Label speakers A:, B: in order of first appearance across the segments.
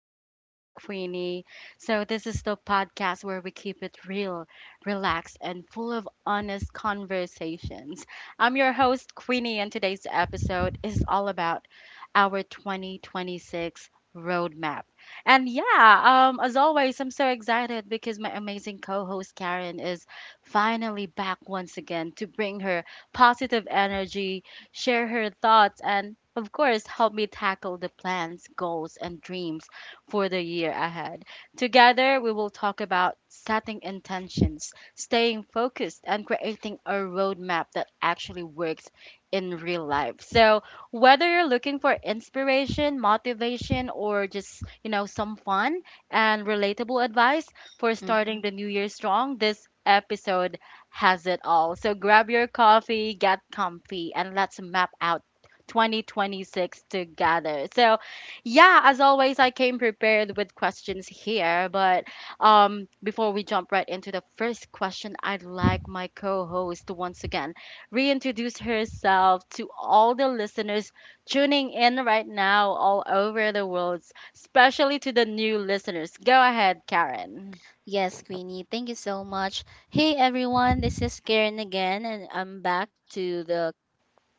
A: Talks with Queenie. So, this is the podcast where we keep it real, relaxed, and full of honest conversations. I'm your host, Queenie, and today's episode is all about our 2026 roadmap. And yeah, as always, I'm so excited because my amazing co host, Karen, is finally back once again to bring her positive energy share her thoughts, and of course, help me tackle the plans, goals, and dreams for the year ahead. Together, we will talk about setting intentions, staying focused, and creating a roadmap that actually works in real life. So, whether you're looking for inspiration, motivation, or just, some fun and relatable advice for starting
B: Mm-hmm.
A: the new year strong, this episode has it all. So grab your coffee, get comfy, and let's map out 2026 together. So, yeah, as always, I came prepared with questions here. But before we jump right into the first question, I'd like my co host to once again reintroduce herself to all the listeners tuning in right now all over the world, especially to the new listeners. Go ahead, Karen.
B: Yes, Queenie. Thank you so much. Hey, everyone. This is Karen again, and I'm back to the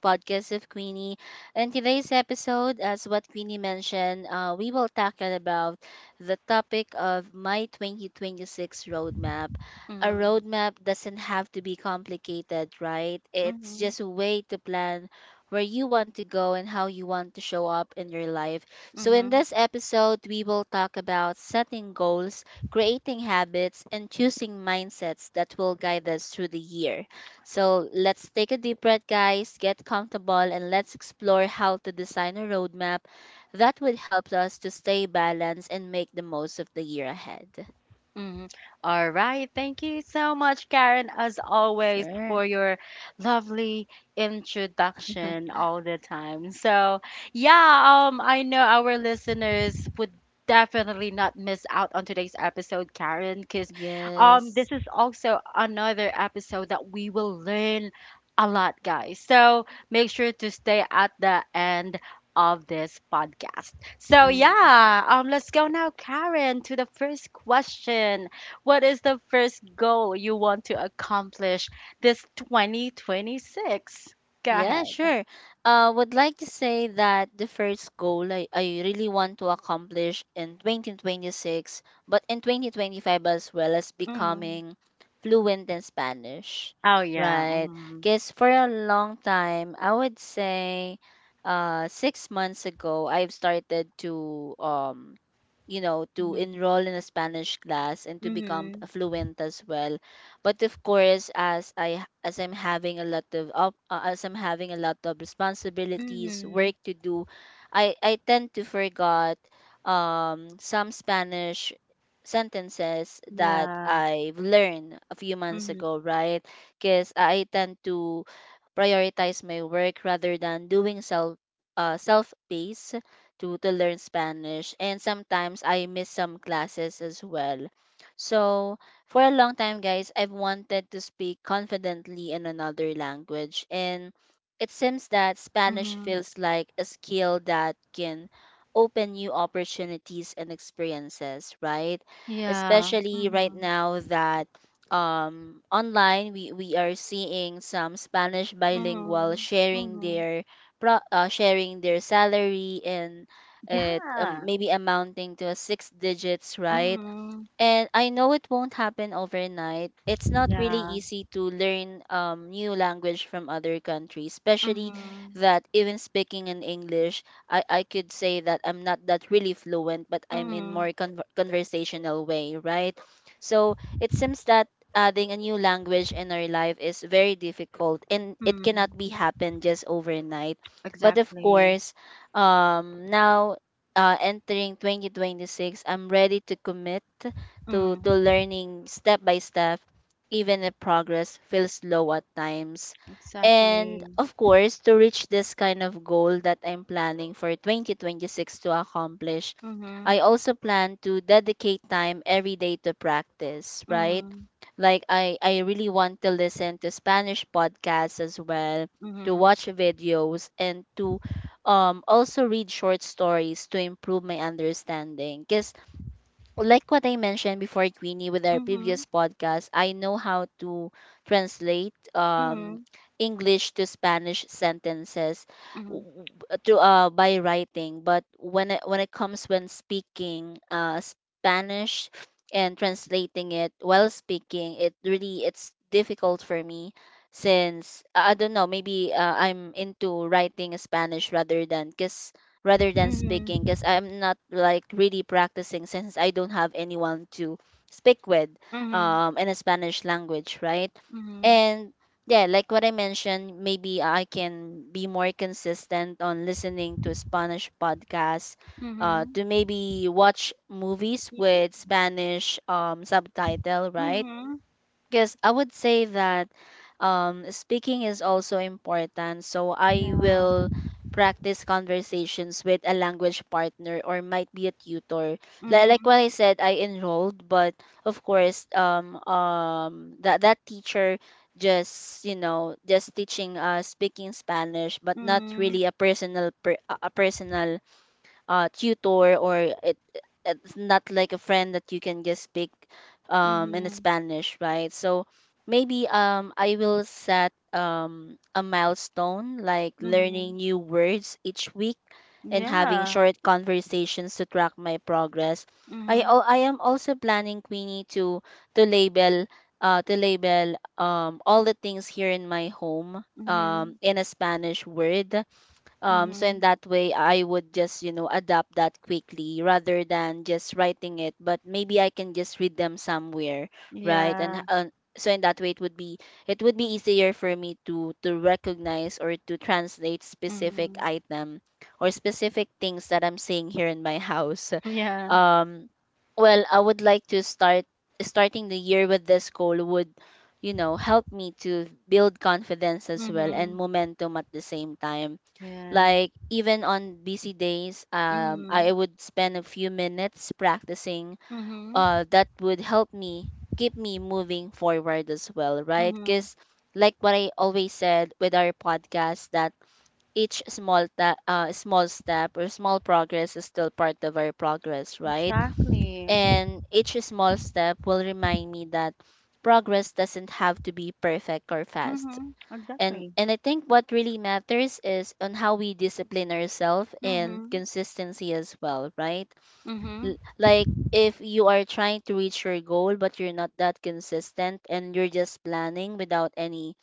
B: podcast of Queenie. And today's episode, as what Queenie mentioned, we will tackle about the topic of my 2026 roadmap. A
A: Mm-hmm.
B: roadmap doesn't have to be complicated, right? It's
A: Mm-hmm.
B: just a way to plan where you want to go and how you want to show up in your life. So, in
A: Mm-hmm.
B: this episode, we will talk about setting goals, creating habits, and choosing mindsets that will guide us through the year. So let's take a deep breath, guys, get comfortable, and let's explore how to design a roadmap that would help us to stay balanced and make the most of the year ahead.
A: Mhm. All right. Thank you so much, Karen, as always,
B: Sure.
A: for your lovely introduction all the time. So, yeah, I know our listeners would definitely not miss out on today's episode, Karen, because
B: Yes.
A: this is also another episode that we will learn a lot, guys. So, make sure to stay at the end of this podcast. So
B: Mm.
A: yeah, let's go now, Karen, to the first question. What is the first goal you want to accomplish this 2026? Go
B: Yeah,
A: ahead.
B: sure. Would like to say that the first goal I really want to accomplish in 2026, but in 2025 as well, as
A: Hmm.
B: becoming fluent in Spanish,
A: Oh yeah.
B: right?
A: Mm-hmm.
B: Because for a long time, I would say 6 months ago, I've started to, to enroll in a Spanish class and to become
A: Mm-hmm.
B: fluent as well. But of course, as I'm having a lot of responsibilities,
A: Mm-hmm.
B: work to do, I tend to forgot some Spanish sentences that
A: Yeah.
B: I've learned a few months
A: Mm-hmm.
B: ago, right? Because I tend to prioritize my work rather than doing self pace to learn Spanish, and sometimes I miss some classes as well. So for a long time, guys, I've wanted to speak confidently in another language, and it seems that Spanish
A: Mm-hmm.
B: feels like a skill that can open new opportunities and experiences, right?
A: Yeah.
B: Especially right
A: Mm-hmm.
B: now that online we are seeing some Spanish bilingual
A: Mm-hmm.
B: sharing
A: Mm-hmm.
B: their sharing their salary, and it,
A: Yeah.
B: maybe amounting to a six digits, right?
A: Mm-hmm.
B: And I know it won't happen overnight. It's not really
A: Yeah.
B: easy to learn new language from other countries, especially
A: Mm-hmm.
B: that even speaking in English, I could say that I'm not that really fluent, but I'm in more conversational way, right? So it seems that adding a new language in our life is very difficult and it cannot be
A: Mm-hmm.
B: happen just overnight. But of
A: Exactly.
B: course, now entering 2026, I'm ready to commit to
A: Mm.
B: to learning step by step, even if progress feels slow at times. And
A: Exactly.
B: of course, to reach this kind of goal that I'm planning for 2026 to accomplish,
A: Mhm,
B: I also plan to dedicate time every day to practice, right?
A: mhm,
B: Like I really want to listen to Spanish podcasts as well, to
A: mhm,
B: watch videos, and to also read short stories to improve my understanding, because like what I mentioned before, Queenie, with our
A: mhm,
B: previous podcast, I know how to translate
A: mhm,
B: English to Spanish sentences w-
A: mhm,
B: w- to by writing. But when it comes when speaking Spanish and translating it while speaking, it really it's difficult for me, since I don't know, maybe I'm into writing Spanish rather than, because rather than speaking,
A: mhm,
B: because I'm not like really practicing since I don't have anyone to speak with
A: mhm,
B: in a Spanish language, right? And yeah, like what I mentioned, maybe I can be more consistent on listening to Spanish podcasts,
A: mhm, mhm,
B: to maybe watch movies
A: y
B: with Spanish subtitle, right?
A: mhm,
B: Yes, I would say that speaking is also important. So I
A: yeah,
B: will practice conversations with a language partner or might be a tutor. Like
A: mhm,
B: what I said, I enrolled, but of course, that teacher just, you know, just teaching speaking Spanish, but not really a personal a personal tutor, or it it's not like a friend that you can just speak
A: mhm,
B: in
A: mhm,
B: Spanish, right? So maybe I will set a milestone like
A: mhm,
B: learning new words each week and having
A: yeah,
B: short conversations to track my progress.
A: mhm,
B: I am also planning, Queenie, to to label to label all the things here in my home
A: mhm,
B: in a Spanish word, so in
A: mhm,
B: that way, I would just, you know, adapt that quickly rather than just writing it. But maybe I can just read them somewhere, right?
A: yeah,
B: So in that way, it would be easier for me to recognize or to translate specific
A: mhm,
B: item or specific things that I'm seeing here in my house.
A: yeah,
B: Um, well, I would like to starting the year with this goal would, you know, help me to build confidence as well and
A: mhm,
B: momentum at the same time.
A: yeah,
B: Like even on busy days, I
A: mhm,
B: would spend a few minutes practicing.
A: mhm,
B: That would help me keep me moving forward as well, right?
A: mhm,
B: Because like what I always said with our podcast, that each small step or small progress is still part of our progress, right?
A: exactly,
B: And each small step will remind me that progress doesn't have to be perfect or fast.
A: mhm,
B: and
A: exactly,
B: and I think what really matters is on how we discipline ourselves and
A: mhm,
B: consistency as well, right?
A: mhm,
B: L- like if you are trying to reach your goal but you're not that consistent, and you're just planning without any,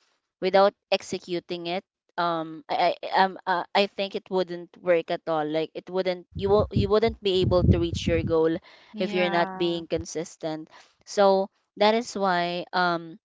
B: without executing it, I think it wouldn't work at all. Like it wouldn't, you will, you wouldn't be able to reach your goal if you're not
A: yeah,
B: being consistent. So that is why,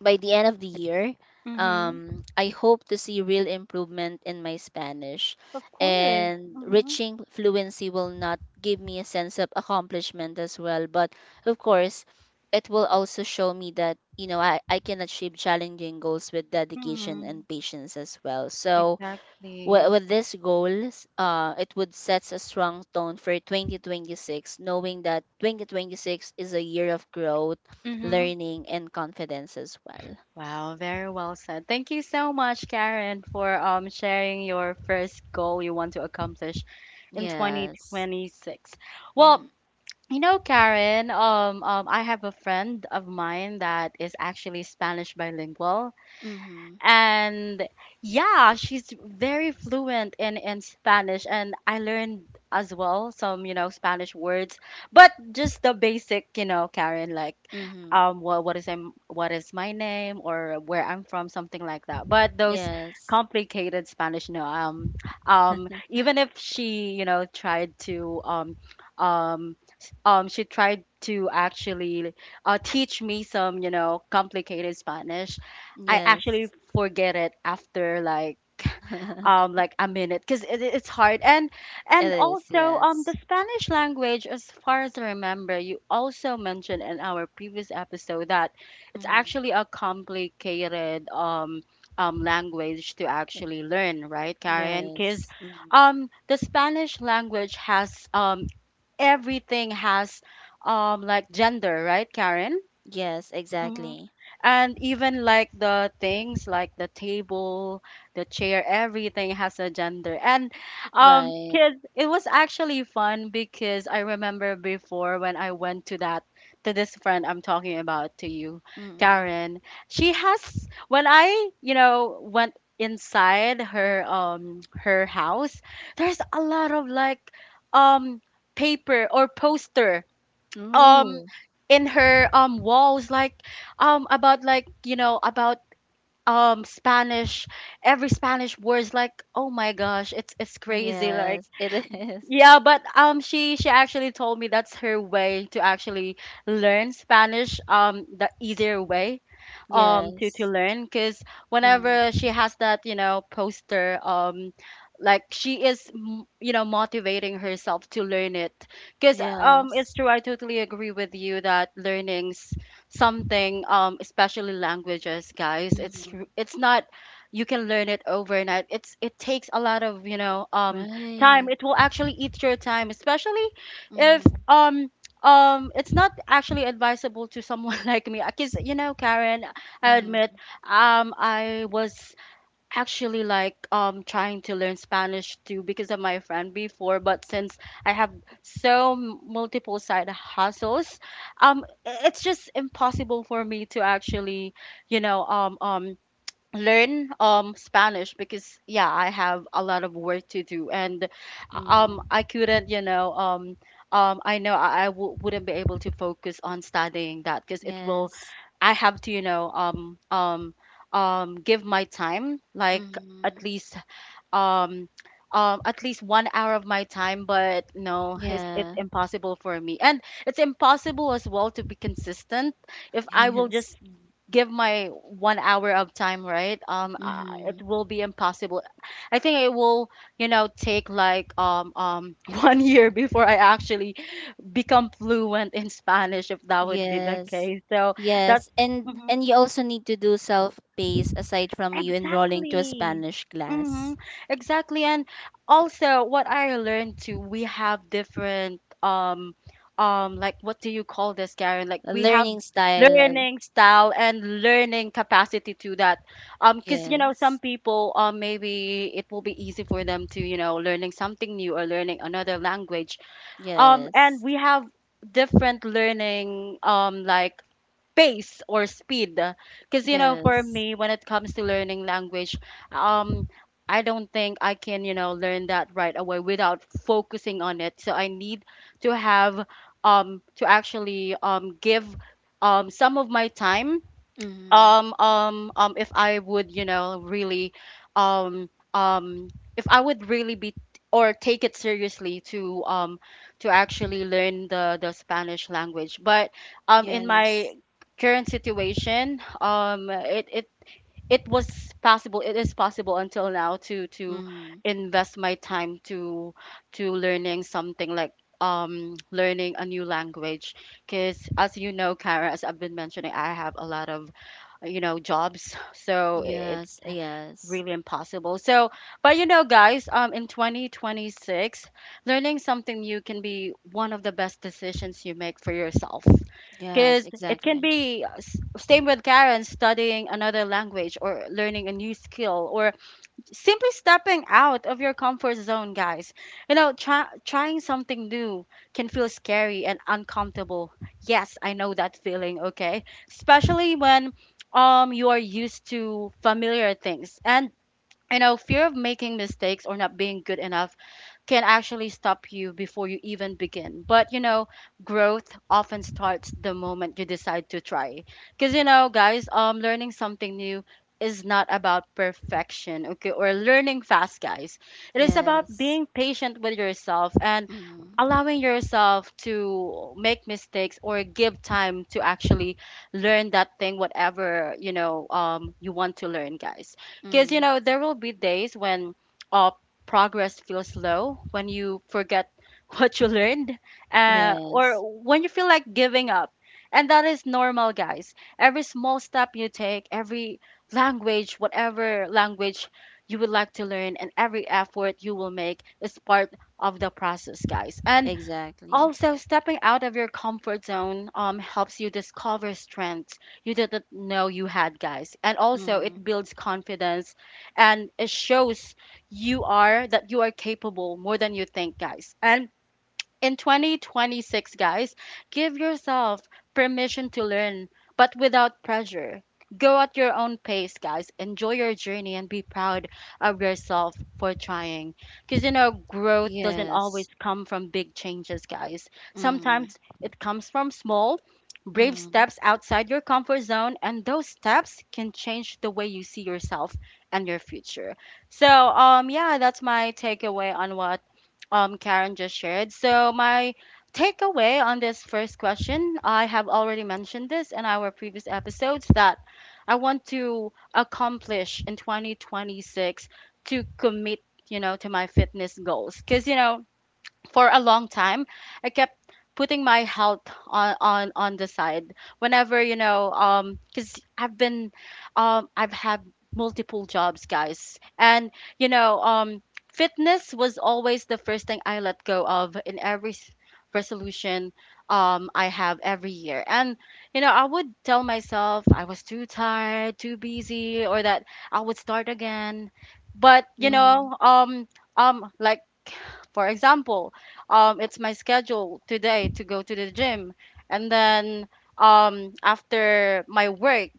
B: by the end of the year,
A: mhm.
B: I hope to see real improvement in my Spanish.
A: Of course.
B: And
A: Mm-hmm.
B: reaching fluency will not give me a sense of accomplishment as well. But of course, it will also show me that, you know, I can achieve challenging goals with dedication
A: Hmm.
B: and patience as well. So with,
A: Exactly.
B: with this goal, it would set a strong tone for 2026, knowing that 2026 is a year of growth,
A: Mm-hmm.
B: learning, and confidence as well.
A: Wow, very well said. Thank you so much, Karen, for sharing your first goal you want to accomplish in
B: Yes.
A: 2026.
B: Mm-hmm.
A: Well, Karen, I have a friend of mine that is actually Spanish bilingual,
B: Mm-hmm.
A: and yeah, she's very fluent in Spanish, and I learned as well some, Spanish words, but just the basic, Karen, like
B: Mm-hmm.
A: what is I'm, what is my name or where I'm from, something like that. But those
B: Yes.
A: complicated Spanish, no. Even if she, tried to she tried to actually teach me some, complicated Spanish, I
B: Yes.
A: actually forget it after like a minute, because it's hard. and
B: It
A: and
B: is.
A: also,
B: Yes.
A: the Spanish language, as far as I remember, you also mentioned in our previous episode that it's
B: Mm-hmm.
A: actually a complicated language to actually learn, right, Karen?
B: Yes.
A: Because
B: Mm-hmm.
A: the Spanish language has, everything has like gender, right, Karen?
B: Yes, exactly.
A: And even like the things like the table, the chair, everything has a gender. And
B: Right.
A: kids, it was actually fun, because I remember before when I went to that to this friend I'm talking about to you,
B: Mm-hmm.
A: Karen. She has, when I, went inside her her house, there's a lot of like um paper or poster um
B: Ooh.
A: in her walls, like about like, about Spanish, every Spanish words, like, oh my gosh, it's crazy, like
B: Yes, it is.
A: yeah. But she actually told me that's her way to actually learn Spanish, the easier way
B: Yes.
A: to learn, because
B: Mm-hmm.
A: whenever she has that, poster, like she is motivating herself to learn it, because it's
B: Yes.
A: true, I totally agree with you that learning's something, especially languages, guys. It's
B: Mm-hmm.
A: it's not you can learn it overnight. It's it takes a lot of, time,
B: Right.
A: it will actually eat your time, especially if
B: Mm-hmm.
A: it's not actually advisable to someone like me, because Karen, I admit
B: Mm-hmm.
A: I was actually like trying to learn Spanish too, because of my friend before. But since I have so multiple side hustles, it's just impossible for me to actually you know um um learn Spanish, because yeah, I have a lot of work to do. And
B: Mm-hmm.
A: I couldn't, I know wouldn't be able to focus on studying that, because it will
B: Yes.
A: I have to, give my time, like
B: Mm-hmm.
A: at least um at least 1 hour of my time. But no, it's it's
B: Yeah.
A: impossible for me, and it's impossible as well to be consistent if I will
B: Yes.
A: just give my 1 hour of time, right?
B: Mm-hmm.
A: It will be impossible. I think it will, take like 1 year before I actually become fluent in Spanish, if that would be the
B: Yes.
A: case. So that's
B: Yes. And you also need to do self pace aside from you enrolling to a
A: exactly.
B: Spanish
A: Mm-hmm.
B: class.
A: Exactly. And also what I learned too, we have different like, what do you call this, Karen? Like
B: A
A: we have
B: learning style.
A: learning style and learning capacity to that. Because
B: Yes.
A: some people, maybe it will be easy for them to, learning something new or learning another language.
B: Yes.
A: And we have different learning like pace or speed, because for
B: Yes.
A: me, when it comes to learning language, um I don't think I can, learn that right away without focusing on it. So I need to have to actually give some of my time,
B: Mm-hmm.
A: if I would, really um um if I would really be or take it seriously to actually learn the Spanish language. But in
B: Yes.
A: my current situation, it was possible, it is possible until now to
B: Mm-hmm.
A: invest my time to learning something like learning a new language. Because as you know, Kara, as I've been mentioning, I have a lot of, jobs, so it's
B: Yes. Yes.
A: really impossible. So but guys, in 2026, learning something new can be one of the best decisions you make for yourself,
B: Yes.
A: because it can
B: Exactly.
A: be same with Karen, studying another language or learning a new skill, or simply stepping out of your comfort zone, guys. You know, trying something new can feel scary and uncomfortable. Yes, I know that feeling, okay? Especially when you are used to familiar things, and you know, fear of making mistakes or not being good enough can actually stop you before you even begin. But you know, growth often starts the moment you decide to try. Cuz you know, guys, learning something new is not about perfection, okay, or learning fast, guys. It is about
B: Yes.
A: being patient with yourself and
B: Mm-hmm.
A: allowing yourself to make mistakes or give time to actually learn that thing, whatever, you want to learn, guys. Because you
B: Mm-hmm.
A: know, there will be days when uh, progress feels slow, when you forget what you learned, or
B: Yes.
A: when you feel like giving up. And that is normal, guys. Every small step you take, every language, whatever language you would like to learn, and every effort you will make is part of the process, guys. And
B: Exactly.
A: also, stepping out of your comfort zone helps you discover strengths you didn't know you had, guys. And also,
B: Mm-hmm.
A: it builds confidence, and it shows you are that you are capable more than you think, guys. And in 2026, guys, give yourself permission to learn, but without pressure. Go at your own pace, guys. Enjoy your journey and be proud of yourself for trying. Because, you know, growth doesn't always
B: Yes.
A: come from big changes, guys.
B: Mm-hmm.
A: Sometimes it comes from small, brave
B: Mm-hmm.
A: steps outside your comfort zone, and those steps can change the way you see yourself and your future. So, yeah, that's my takeaway on what Karen just shared. So, my takeaway on this first question, I have already mentioned this in our previous episodes, that I want to accomplish in 2026 to commit, you know, to my fitness goals. Because, you know, for a long time, I kept putting my health on the side whenever, because I've been I've had multiple jobs, guys. And you know, fitness was always the first thing I let go of in every resolution I have every year. And you know, I would tell myself I was too tired, too busy, or that I would start again. But you
B: Mm-hmm.
A: know, like for example, it's my schedule today to go to the gym. And then after my work,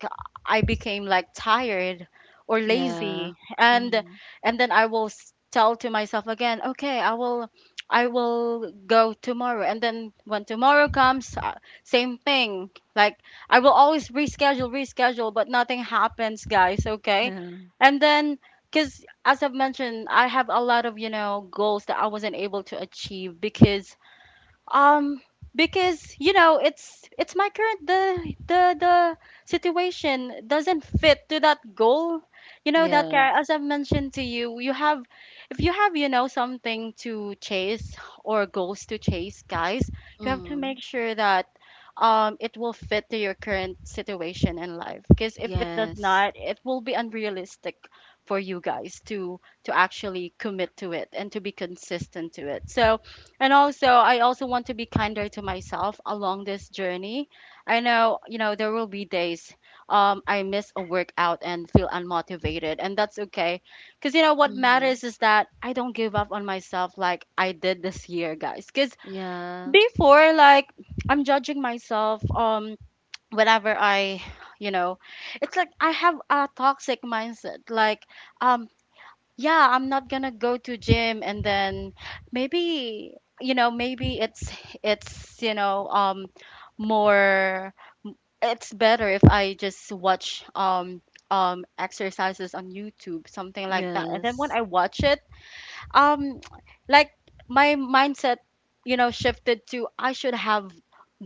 A: I became like tired or
B: Yeah.
A: lazy. And
B: Mm-hmm.
A: and then I will tell to myself again, okay, I will go tomorrow. And then when tomorrow comes, same thing. Like I will always reschedule, reschedule, but nothing happens, guys, okay? And then because, as I've mentioned, I have a lot of, you know, goals that I wasn't able to achieve because um because, you know, it's my current, the situation doesn't fit to that goal. You know that
B: Yeah.
A: car, as I've mentioned to you, you have, if you have, you know, something to chase or goals to chase, guys, you have to make
B: Mm,
A: sure that it will fit to your current situation in life, because if it does
B: yes.
A: not, it will be unrealistic for you guys to actually commit to it and to be consistent to it. So and also, I also want to be kinder to myself along this journey. I know, you know, there will be days I miss a workout and feel unmotivated, and that's okay. Because, you know, what
B: Mm,
A: matters is that I don't give up on myself like I did this year, guys. Because
B: yeah.
A: before, like, I'm judging myself, whenever I, you know, it's like I have a toxic mindset. Like, um, yeah, I'm not gonna go to gym, and then maybe, you know, maybe it's, you know, more, it's better if I just watch exercises on YouTube, something like that. And then when
B: Yes.
A: I watch it, um like my mindset, you know, shifted to I should have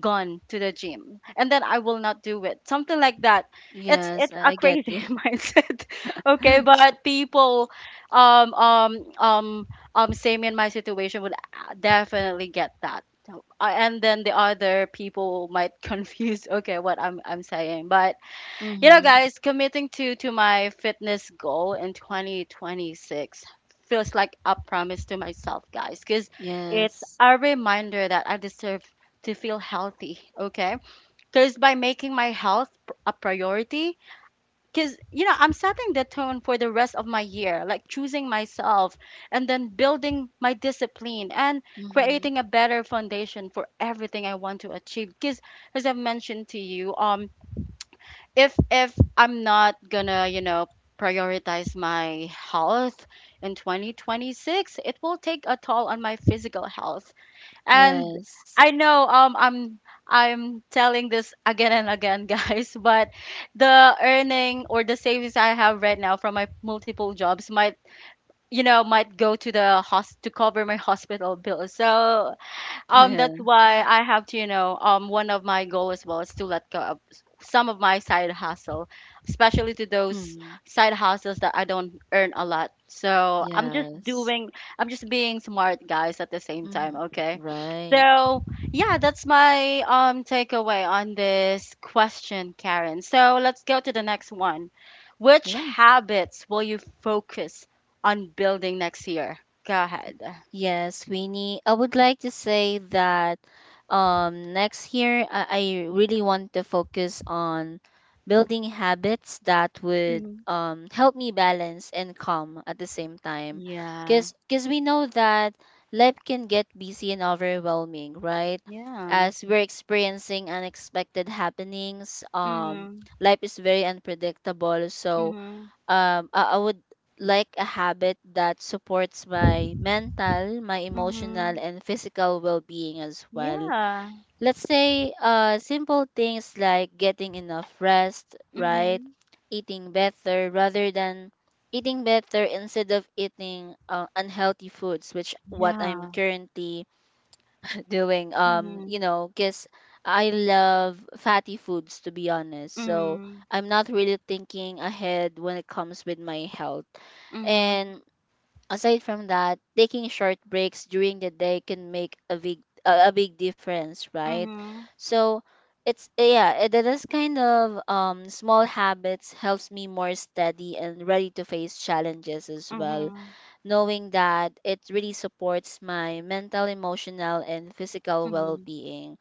A: gone to the gym, and then I will not do it, something like that. it's
B: Yes,
A: it's a
B: I get
A: crazy
B: you.
A: mindset, okay? But people um um um same in my situation would, definitely get that. So, and then the other people might confuse, okay, what I'm saying. But you know,
B: Mm-hmm.
A: guys, committing to my fitness goal in 2026 feels like a promise to myself, guys, because it's
B: Yes.
A: a reminder that I deserve to feel healthy, okay? Because by making my health a priority, because, you know, I'm setting the tone for the rest of my year, like choosing myself and then building my discipline and
B: Mm-hmm.
A: creating a better foundation for everything I want to achieve. Because, as I've mentioned to you, if I'm not gonna, you know, prioritize my health in 2026, it will take a toll on my physical health. And
B: Yes.
A: I know, I'm telling this again and again, guys, but the earning or the savings I have right now from my multiple jobs might, you know, might go to the host to cover my hospital bills. So that's
B: Yeah.
A: why I have to, you know, one of my goal as well is to let go of some of my side hustle, especially to those
B: Mm,
A: side hustles that I don't earn a lot. So I'm just
B: yes.
A: doing, I'm just being smart, guys, at the same time.
B: Mm-hmm.
A: Okay.
B: Right.
A: So yeah, that's my takeaway on this question, Karen. So let's go to the next one. Which
B: Yeah.
A: habits will you focus on building next year? Go ahead.
B: Yes, Queenie. I would like to say that next year, I really want to focus on building habits that would
A: Hmm.
B: help me balance and calm at the same time.
A: Yeah.
B: Because we know that life can get busy and overwhelming, right?
A: Yeah.
B: As we're experiencing unexpected happenings,
A: Mhm.
B: life is very unpredictable. So,
A: Mhm.
B: I would like a habit that supports my mental, my emotional
A: Mhm.
B: and physical well-being as well.
A: Yeah.
B: Let's say simple things like getting enough rest, right?
A: Mhm.
B: Eating better rather than Eating better instead of eating unhealthy foods, which what I'm
A: Yeah.
B: currently doing, you
A: Mhm.
B: know, because I love fatty foods, to be honest, so
A: Mhm.
B: I'm not really thinking ahead when it comes with my health.
A: Mhm.
B: And aside from that, taking short breaks during the day can make a big difference, right?
A: Mhm.
B: So it's, yeah, that is kind of small habits helps me more steady and ready to face challenges as well,
A: Mhm.
B: knowing that it really supports my mental, emotional, and physical well
A: Mhm.
B: being.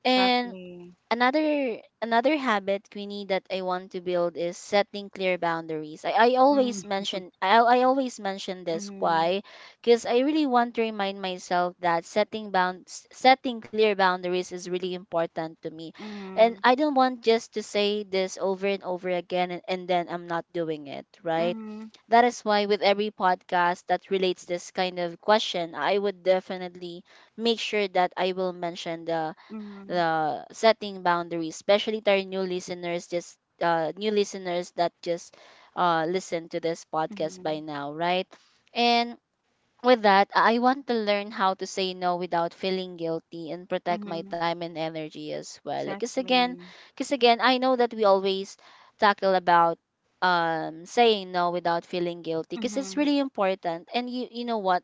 B: And
A: Exactly.
B: another habit, Queenie, that I want to build is setting clear boundaries.
A: Mm.
B: I always mention this,
A: Mhm.
B: why? Because I really want to remind myself that setting clear boundaries is really important to me, and
A: Mhm.
B: I don't want just to say this over and over again, and then I'm not doing it, right?
A: Mhm.
B: That is why with every podcast that relates this kind of question, I would definitely make sure that I will mention the,
A: Mhm.
B: setting boundaries, especially to our new listeners, just new listeners that just listen to this podcast by
A: Mhm.
B: now, right? And with that, I want to learn how to say no without feeling guilty and protect my
A: Mhm.
B: time and energy as well. Because again,
A: Exactly.
B: I know that we always tackle about saying no without feeling guilty because it's
A: Mhm.
B: really important, and you know what,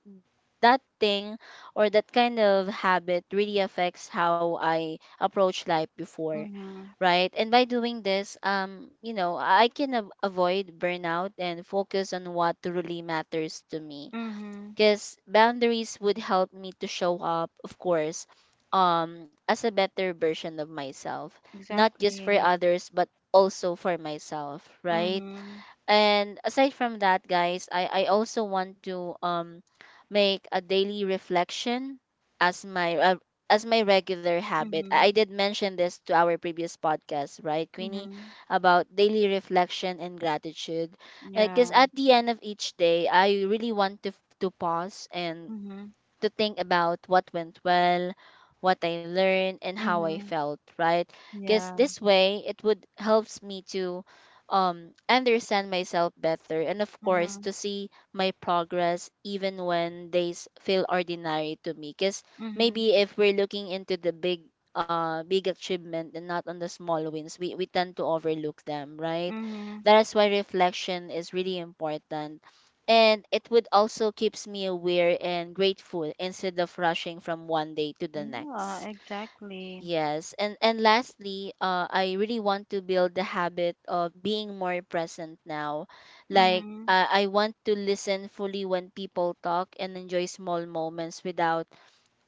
B: that thing or that kind of habit really affects how I approach life before,
A: Mhm.
B: right? And by doing this, you know, I can avoid burnout and focus on what truly matters to me.
A: Mhm.
B: Because boundaries would help me to show up, of course, as a better version of myself, not just for
A: Exactly.
B: others, but also for myself, right?
A: Mhm.
B: And aside from that, guys, I also want to make a daily reflection as my regular habit. I
A: Mhm.
B: did mention this to our previous podcast, right, Queenie,
A: Mhm.
B: about daily reflection and gratitude. Because
A: Yeah.
B: at the end of each day, I really want to pause and
A: Mhm.
B: to think about what went well, what I learned, and how I
A: Mhm.
B: felt, right? Because
A: Yeah.
B: this way, it would helps me to understand myself better, and of course,
A: Mhm.
B: to see my progress even when days feel ordinary to me. Because
A: Mhm.
B: maybe if we're looking into the big big achievement and not on the small wins, we tend to overlook them, right?
A: Mhm.
B: That is why reflection is really important, and it would also keeps me aware and grateful instead of rushing from one day to the
A: Yeah,
B: next.
A: exactly.
B: Yes, and lastly, I really want to build the habit of being more present now, like,
A: Mhm.
B: I want to listen fully when people talk and enjoy small moments without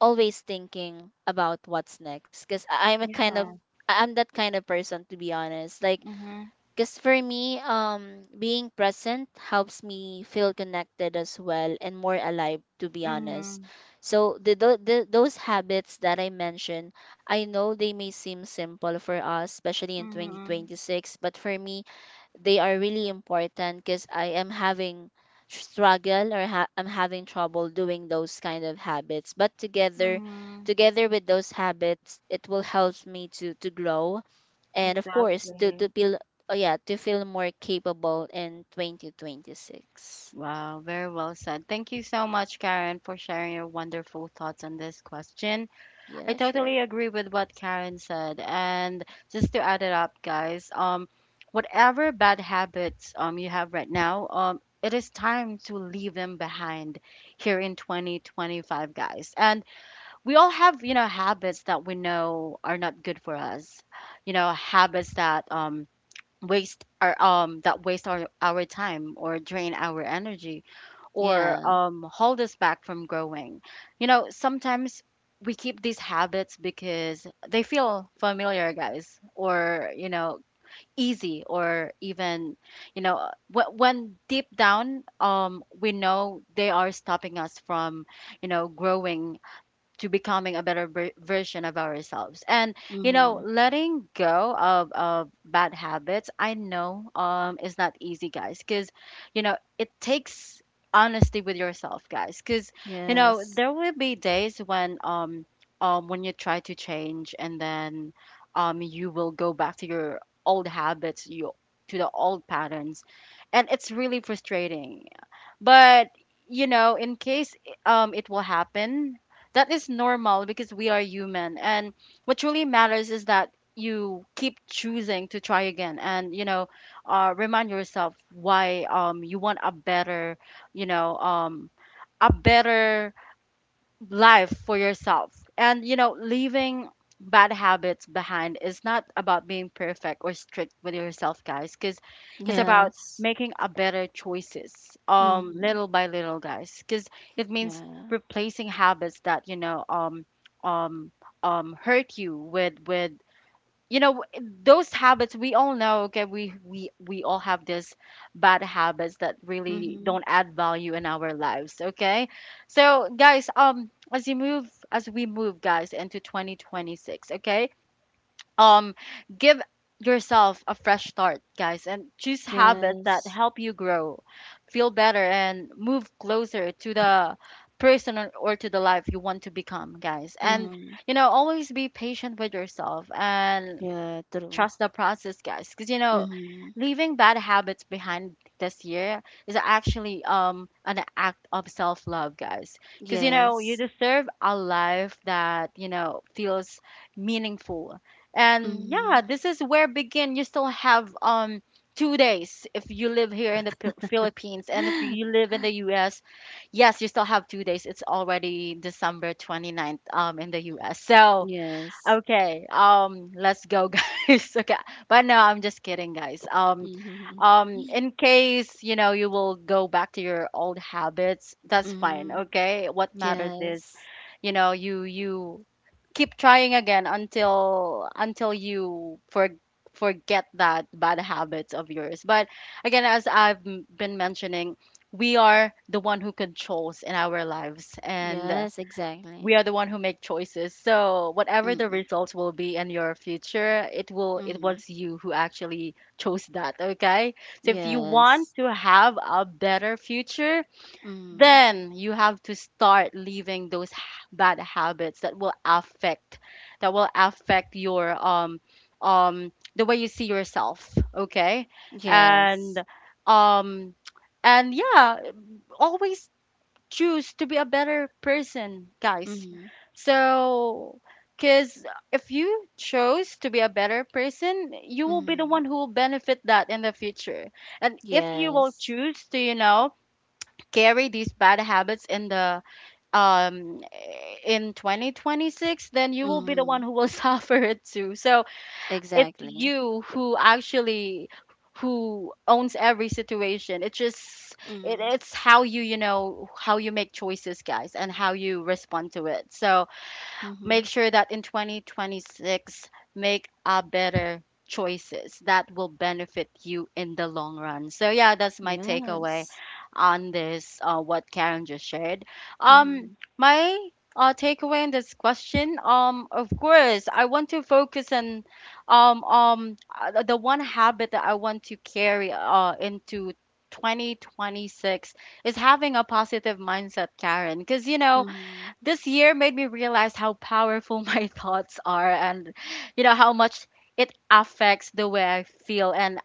B: always thinking about what's next, because I'm a kind of —
A: Yeah.
B: I'm that kind of person, to be honest, like,
A: Mhm.
B: because for me, being present helps me feel connected as well and more alive, to be honest.
A: Mhm.
B: So those habits that I mentioned, I know they may seem simple for us, especially in
A: Mhm.
B: 2026, but for me, they are really important because I am having struggle or I'm having trouble doing those kind of habits. But together,
A: Mhm.
B: together with those habits, it will help me to grow, and of course, to
A: Exactly.
B: feel, oh yeah, to feel more capable in 2026.
A: Wow, very well said. Thank you so much, Karen, for sharing your wonderful thoughts on this question. I
B: Yeah. Sure.
A: totally agree with what Karen said. And just to add it up, guys, whatever bad habits you have right now, it is time to leave them behind here in 2025, guys. And we all have, you know, habits that we know are not good for us, you know, habits that waste our that waste our time or drain our energy or
B: Yeah.
A: hold us back from growing. You know, sometimes we keep these habits because they feel familiar, guys, or, you know, easy or even, you know, when deep down, we know they are stopping us from, you know, growing to becoming a better version of ourselves. And you
B: Mm-hmm.
A: know, letting go of bad habits, I know, is not easy, guys, because, you know, it takes honesty with yourself, guys, because, you know,
B: Yes,
A: there will be days when you try to change, and then you will go back to your old habits, you, to the old patterns, and it's really frustrating. But you know, in case it will happen, that is normal because we are human. And what truly matters is that you keep choosing to try again, and you know, remind yourself why you want a better, you know, a better life for yourself. And you know, leaving bad habits behind is not about being perfect or strict with yourself, guys, cuz it's about
B: yes.
A: making a better choices
B: Mm-hmm.
A: little by little, guys, cuz it means
B: Yeah.
A: replacing habits that, you know, um hurt you with, you know, those habits we all know. Okay, we all have these bad habits that really
B: Mm-hmm.
A: don't add value in our lives. Okay, so, guys, as we move, guys, into 2026, okay, um give yourself a fresh start, guys, and choose habits that
B: Yes.
A: help you grow, feel better, and move closer to the person or to the life you want to become, guys. And
B: Mm-hmm.
A: you know, always be patient with yourself, and
B: Yeah, true.
A: trust the process, guys. Because, you know,
B: Mm-hmm.
A: leaving bad habits behind this year is actually an act of self-love, guys. Because, you
B: Yes.
A: know, you deserve a life that, you know, feels meaningful. And
B: Mm-hmm.
A: yeah, this is where begin. You still have 2 days if you live here in the Philippines, and if you live in the US, yes, you still have 2 days. It's already December twenty ninth in the US. So,
B: Yes.
A: okay, let's go, guys. Okay, but no, I'm just kidding, guys.
B: Mm-hmm.
A: In case, you know, you will go back to your old habits, that's fine.
B: Mm-hmm.
A: Okay, what matters is,
B: Yes,
A: you know, you keep trying again until, you for, forget that bad habits of yours. But again, as I've been mentioning, we are the one who controls in our lives, and,
B: yes, exactly.
A: we are the one who make choices. So whatever the
B: Mm-hmm.
A: results will be in your future, it will, it
B: Mm-hmm.
A: was you who actually chose that, okay? So if you
B: Yes.
A: want to have a better future,
B: Mm-hmm.
A: then you have to start leaving those bad habits that will affect, your the way you see yourself, okay?
B: Yes.
A: And um and yeah, always choose to be a better person, guys.
B: Mm-hmm.
A: So, because if you chose to be a better person, you will
B: Mm-hmm.
A: be the one who will benefit that in the future. And if
B: Yeah.
A: you will choose to, you know, carry these bad habits in the um in 2026, then you will be the
B: Mm.
A: one who will suffer it too. So, it's
B: Exactly.
A: you who actually, who owns every situation. It just, it,
B: Mm.
A: it's how you, you know, how you make choices, guys, and how you respond to it. So
B: Mm-hmm.
A: make sure that in 2026, make a better choices that will benefit you in the long run. So yeah, that's my takeaway
B: Yes.
A: on this, what Karen just shared.
B: Mm-hmm.
A: um my, takeaway in this question, of course, I want to focus on the one habit that I want to carry into 2026 is having a positive mindset, Karen. Because you know,
B: Mm-hmm.
A: this year made me realize how powerful my thoughts are, and you know how much it affects the way I feel and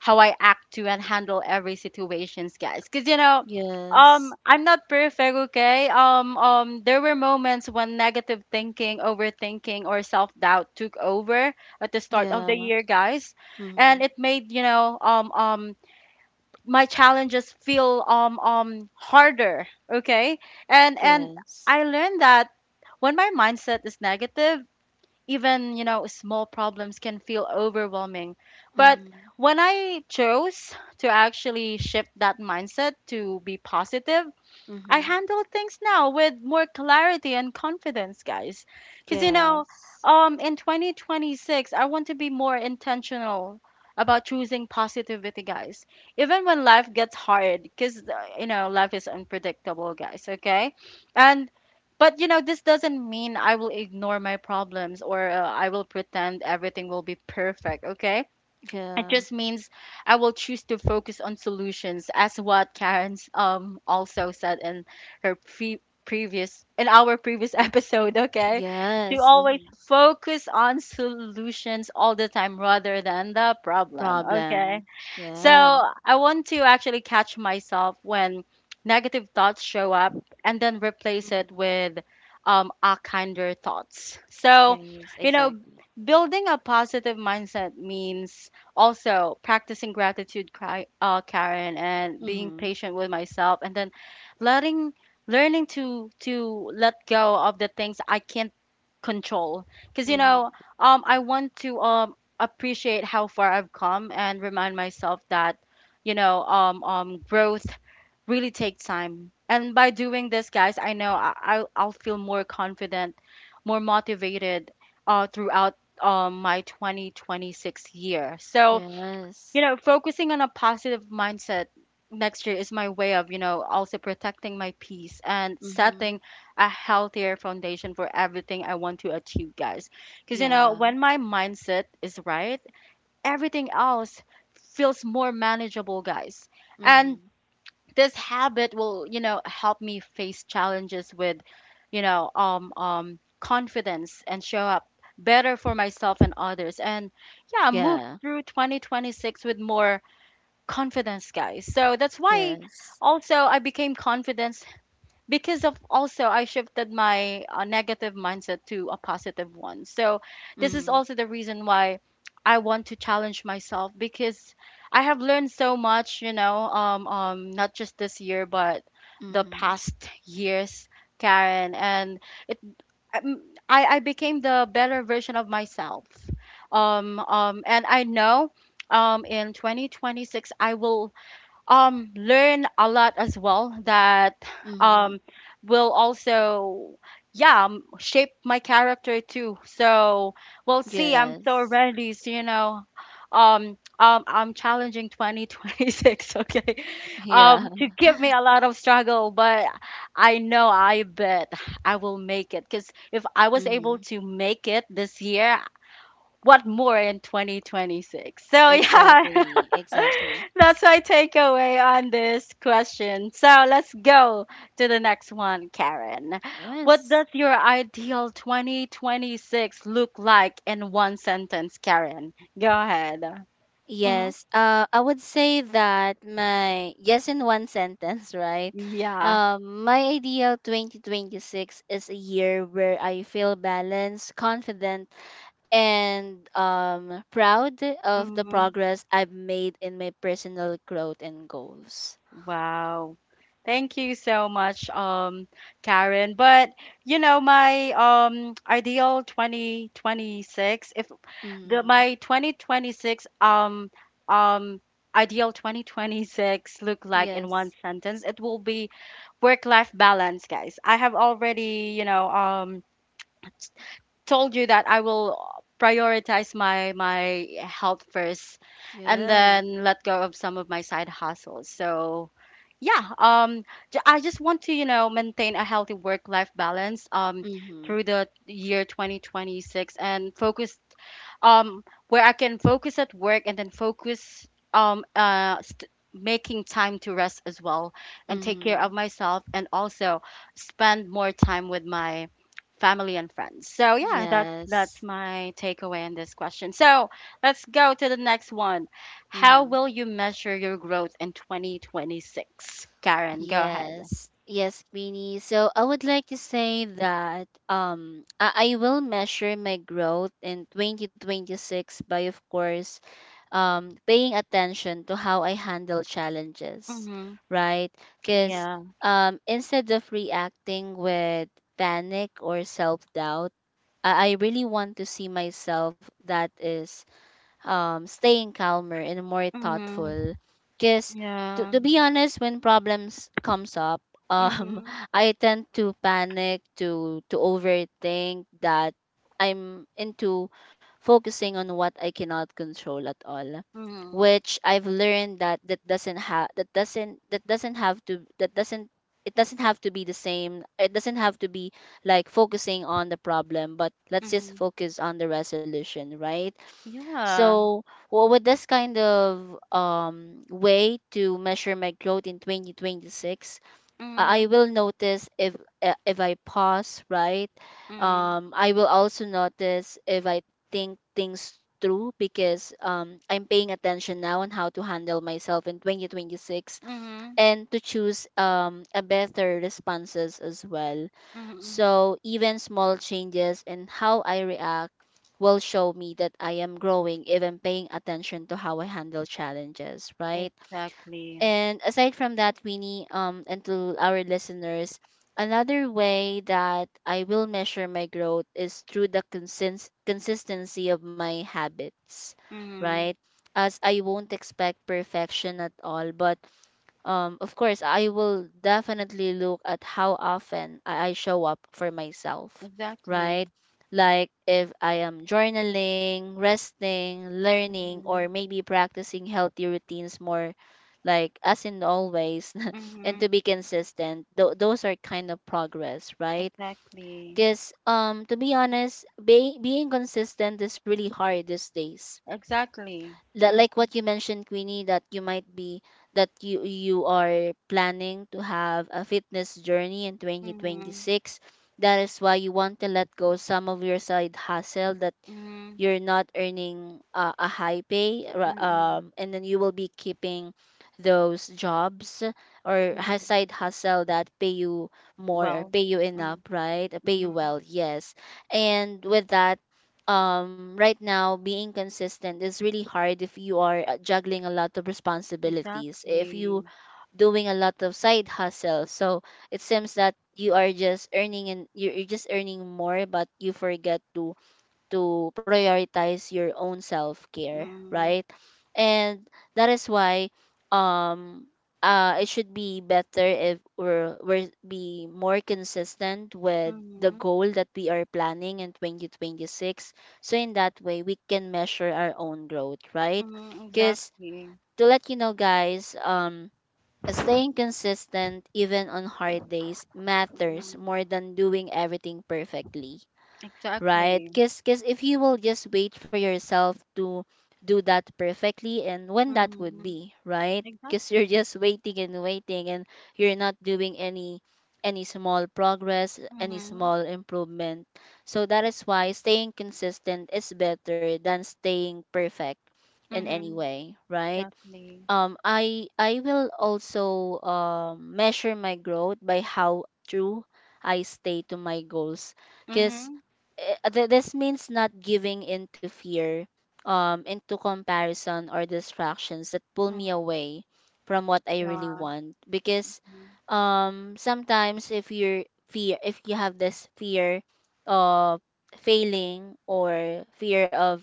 A: how I act to and handle every situations, guys, cuz you know,
B: Yes.
A: I'm not perfect, okay? There were moments when negative thinking, overthinking, or self-doubt took over at the start of the
B: Yeah.
A: year, guys,
B: Mm-hmm.
A: and it made, you know, my challenges feel harder, okay? And
B: Yes.
A: I learned that when my mindset is negative, even, you know, small problems can feel overwhelming. But
B: Mm.
A: when I chose to actually shift that mindset to be positive, I
B: Mm-hmm.
A: handle things now with more clarity and confidence, guys. Because, you
B: Yes.
A: know, in 2026, I want to be more intentional about choosing positivity, guys. Even when life gets hard, because, you know, life is unpredictable, guys, okay? And, but, you know, this doesn't mean I will ignore my problems, or I will pretend everything will be perfect, okay? It
B: Yeah.
A: just means I will choose to focus on solutions, as what Karen's also said in her pre- previous in our previous episode. Okay, to
B: Yes.
A: always
B: Mm-hmm.
A: focus on solutions all the time rather than the problem. Okay,
B: Problem.
A: so
B: Yeah.
A: I want to actually catch myself when negative thoughts show up and then replace
B: Mm-hmm.
A: it with our kinder thoughts. So,
B: Yes.
A: you know,
B: Exactly.
A: building a positive mindset means also practicing gratitude, Karen, and being
B: Mm-hmm.
A: patient with myself and then letting learning to let go of the things I can't control. Because
B: Mm-hmm.
A: I want to appreciate how far I've come and remind myself that, growth really takes time. And by doing this, guys, I know I'll feel more confident, more motivated throughout my 2026 year. So,
B: Yes.
A: focusing on a positive mindset next year is my way of, also protecting my peace and
B: Mm-hmm.
A: setting a healthier foundation for everything I want to achieve, guys. Because,
B: Yeah.
A: when my mindset is right, everything else feels more manageable, guys. And
B: Mm-hmm.
A: this habit will, help me face challenges with, confidence and show up better for myself and others. And yeah, move
B: Yeah.
A: through 2026 with more confidence, guys. So that's why
B: Yes.
A: also I became confident because of also I shifted my negative mindset to a positive one. So this is
B: Mm-hmm.
A: also the reason why I want to challenge myself because I have learned so much, not just this year but the
B: Mm-hmm.
A: past years, Karen, and it um, I became the better version of myself. And I know in 2026 I will learn a lot as well that
B: Mm-hmm.
A: um will also yeah shape my character too. So we'll see. I'm
B: Yes.
A: so ready. So, I'm challenging 2026. Okay,
B: Yeah.
A: to give me a lot of struggle, but I know, I bet I will make it, because if I was able
B: Mm-hmm.
A: to make it this year, what more in 2026? So, yeah.
B: Exactly, exactly.
A: That's my takeaway on this question. So let's go to the next one, Karen. What
B: Yes.
A: does your ideal 2026 look like in one sentence, Karen? Go ahead. Hmm.
B: Yes. I would say that my yes in one sentence, right?
A: Yeah.
B: My ideal 2026 is a year where I feel balanced, confident, and proud of the
A: Mm-hmm.
B: progress I've made in my personal growth and goals.
A: Wow. Thank you so much, Karen. But my ideal 2026, if the
B: Mm.
A: my 2026 um ideal 2026 look like
B: Yeah.
A: in one sentence, it will be work-life balance, guys. I have already, told you that I will prioritize my health first and
B: Yeah.
A: then let go of some of my side hustles. So yeah, I just want to maintain a healthy work life balance
B: Mm-hmm.
A: through the year 2026 and focus um where I can focus at work, and then making time to rest as well and take care
B: Mm-hmm.
A: of myself, and also spend more time with my family and friends. So yeah, that's
B: Yes.
A: my takeaway in this question. So let's go to the next one. How
B: Mm-hmm.
A: will you measure your growth in 2026? Karen, go
B: Yeah.
A: ahead.
B: Yes, Queenie. So I would like to say that I will measure my growth in 2026 by, of course, paying attention to how I handle challenges,
A: Mm-hmm.
B: right? Because,
A: Yeah.
B: instead of reacting with panic or self-doubt, I really want to see myself that is staying calmer and more
A: Mm-hmm.
B: thoughtful. Because, to,
A: Yeah.
B: to be honest, when problems comes up, um,
A: Mm-hmm.
B: I tend to panic, to overthink, that I'm into focusing on what I cannot control at all,
A: Mm-hmm.
B: which I've learned that that doesn't have that doesn't have to that doesn't it doesn't have to be the same. It doesn't have to be like focusing on the problem, but let's just
A: Mm-hmm.
B: focus on the resolution, right?
A: Yeah.
B: So, what would this kind of way to measure my growth in 2026?
A: Mm-hmm.
B: I will notice if, if I pause, right?
A: Mm-hmm.
B: I will also notice if I think things through, because, I'm paying attention now on how to handle myself in 2026,
A: Mm-hmm.
B: and to choose, a better responses as well.
A: Mm-hmm.
B: So even small changes in how I react will show me that I am growing, even paying attention to how I handle challenges, right?
A: Exactly.
B: And aside from that, Winnie, and to our listeners, another way that I will measure my growth is through the consistency of my habits,
A: Mm-hmm.
B: right? As I won't expect perfection at all, but, of course, I will definitely look at how often I show up for myself, right?
A: Exactly.
B: Like if I am journaling, resting, learning, or
A: Mm-hmm.
B: maybe practicing healthy routines more, like, as in always, and to
A: Mm-hmm.
B: be consistent. Those are kind of progress, right?
A: Exactly.
B: Because, to be honest, being consistent is really hard these days,
A: Exactly.
B: that,
A: Mm-hmm.
B: like what you mentioned, Queenie, that you might be that you are planning to have a fitness journey in
A: Mm-hmm.
B: 2026, that is why you want to let go some of your side hustle, that
A: Mm-hmm.
B: you're not earning, a high pay
A: Mm-hmm.
B: and then you will be keeping those jobs or
A: Mm-hmm.
B: side hustle that pay you more, or
A: Well.
B: pay you enough, right? Pay you
A: Mm-hmm.
B: well, yes. And with that, right now, being consistent is really hard if you are, juggling a lot of responsibilities, if you
A: Exactly.
B: doing a lot of side hustle. So it seems that you are just earning, and you're just earning more, but you forget to prioritize your own self care,
A: Mm-hmm.
B: right? And that is why, um it should be better if we're be more consistent with the
A: Mhm,
B: goal that we are planning in 2026. So in that way, we can measure our own growth, right?
A: mhm,
B: Because,
A: exactly.
B: to let you know, guys, staying consistent even on hard days matters
A: Mhm,
B: more than doing everything perfectly, right?
A: exactly.
B: Because if you will just wait for yourself to do that perfectly, and when that would
A: Mhm,
B: be, right? Because you're
A: exactly.
B: just waiting and waiting, and you're not doing any small progress, any
A: Mhm,
B: small improvement. So that is why staying consistent is better than staying perfect in any
A: mhm,
B: way, right?
A: exactly.
B: I will also, measure my growth by how true I stay to my goals, because
A: Mhm,
B: this means not giving in to fear, into comparison or distractions that pull
A: mhm,
B: me away from what I really
A: yeah.
B: want. Because,
A: Mhm,
B: sometimes, if you're fear if you have this fear of failing or fear of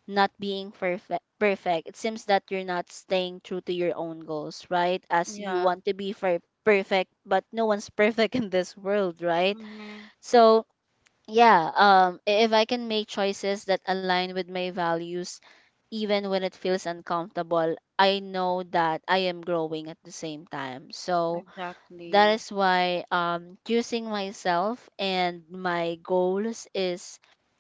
B: not being perfect, it seems that you're not staying true to your own goals, right, as you
A: yeah.
B: want to be perfect, but no one's perfect in this world, right?
A: Mhm,
B: So, yeah, if I can make choices that align with my values, even when it feels uncomfortable, I know that I am growing at the same time. So that
A: exactly.
B: is why, choosing myself and my goals is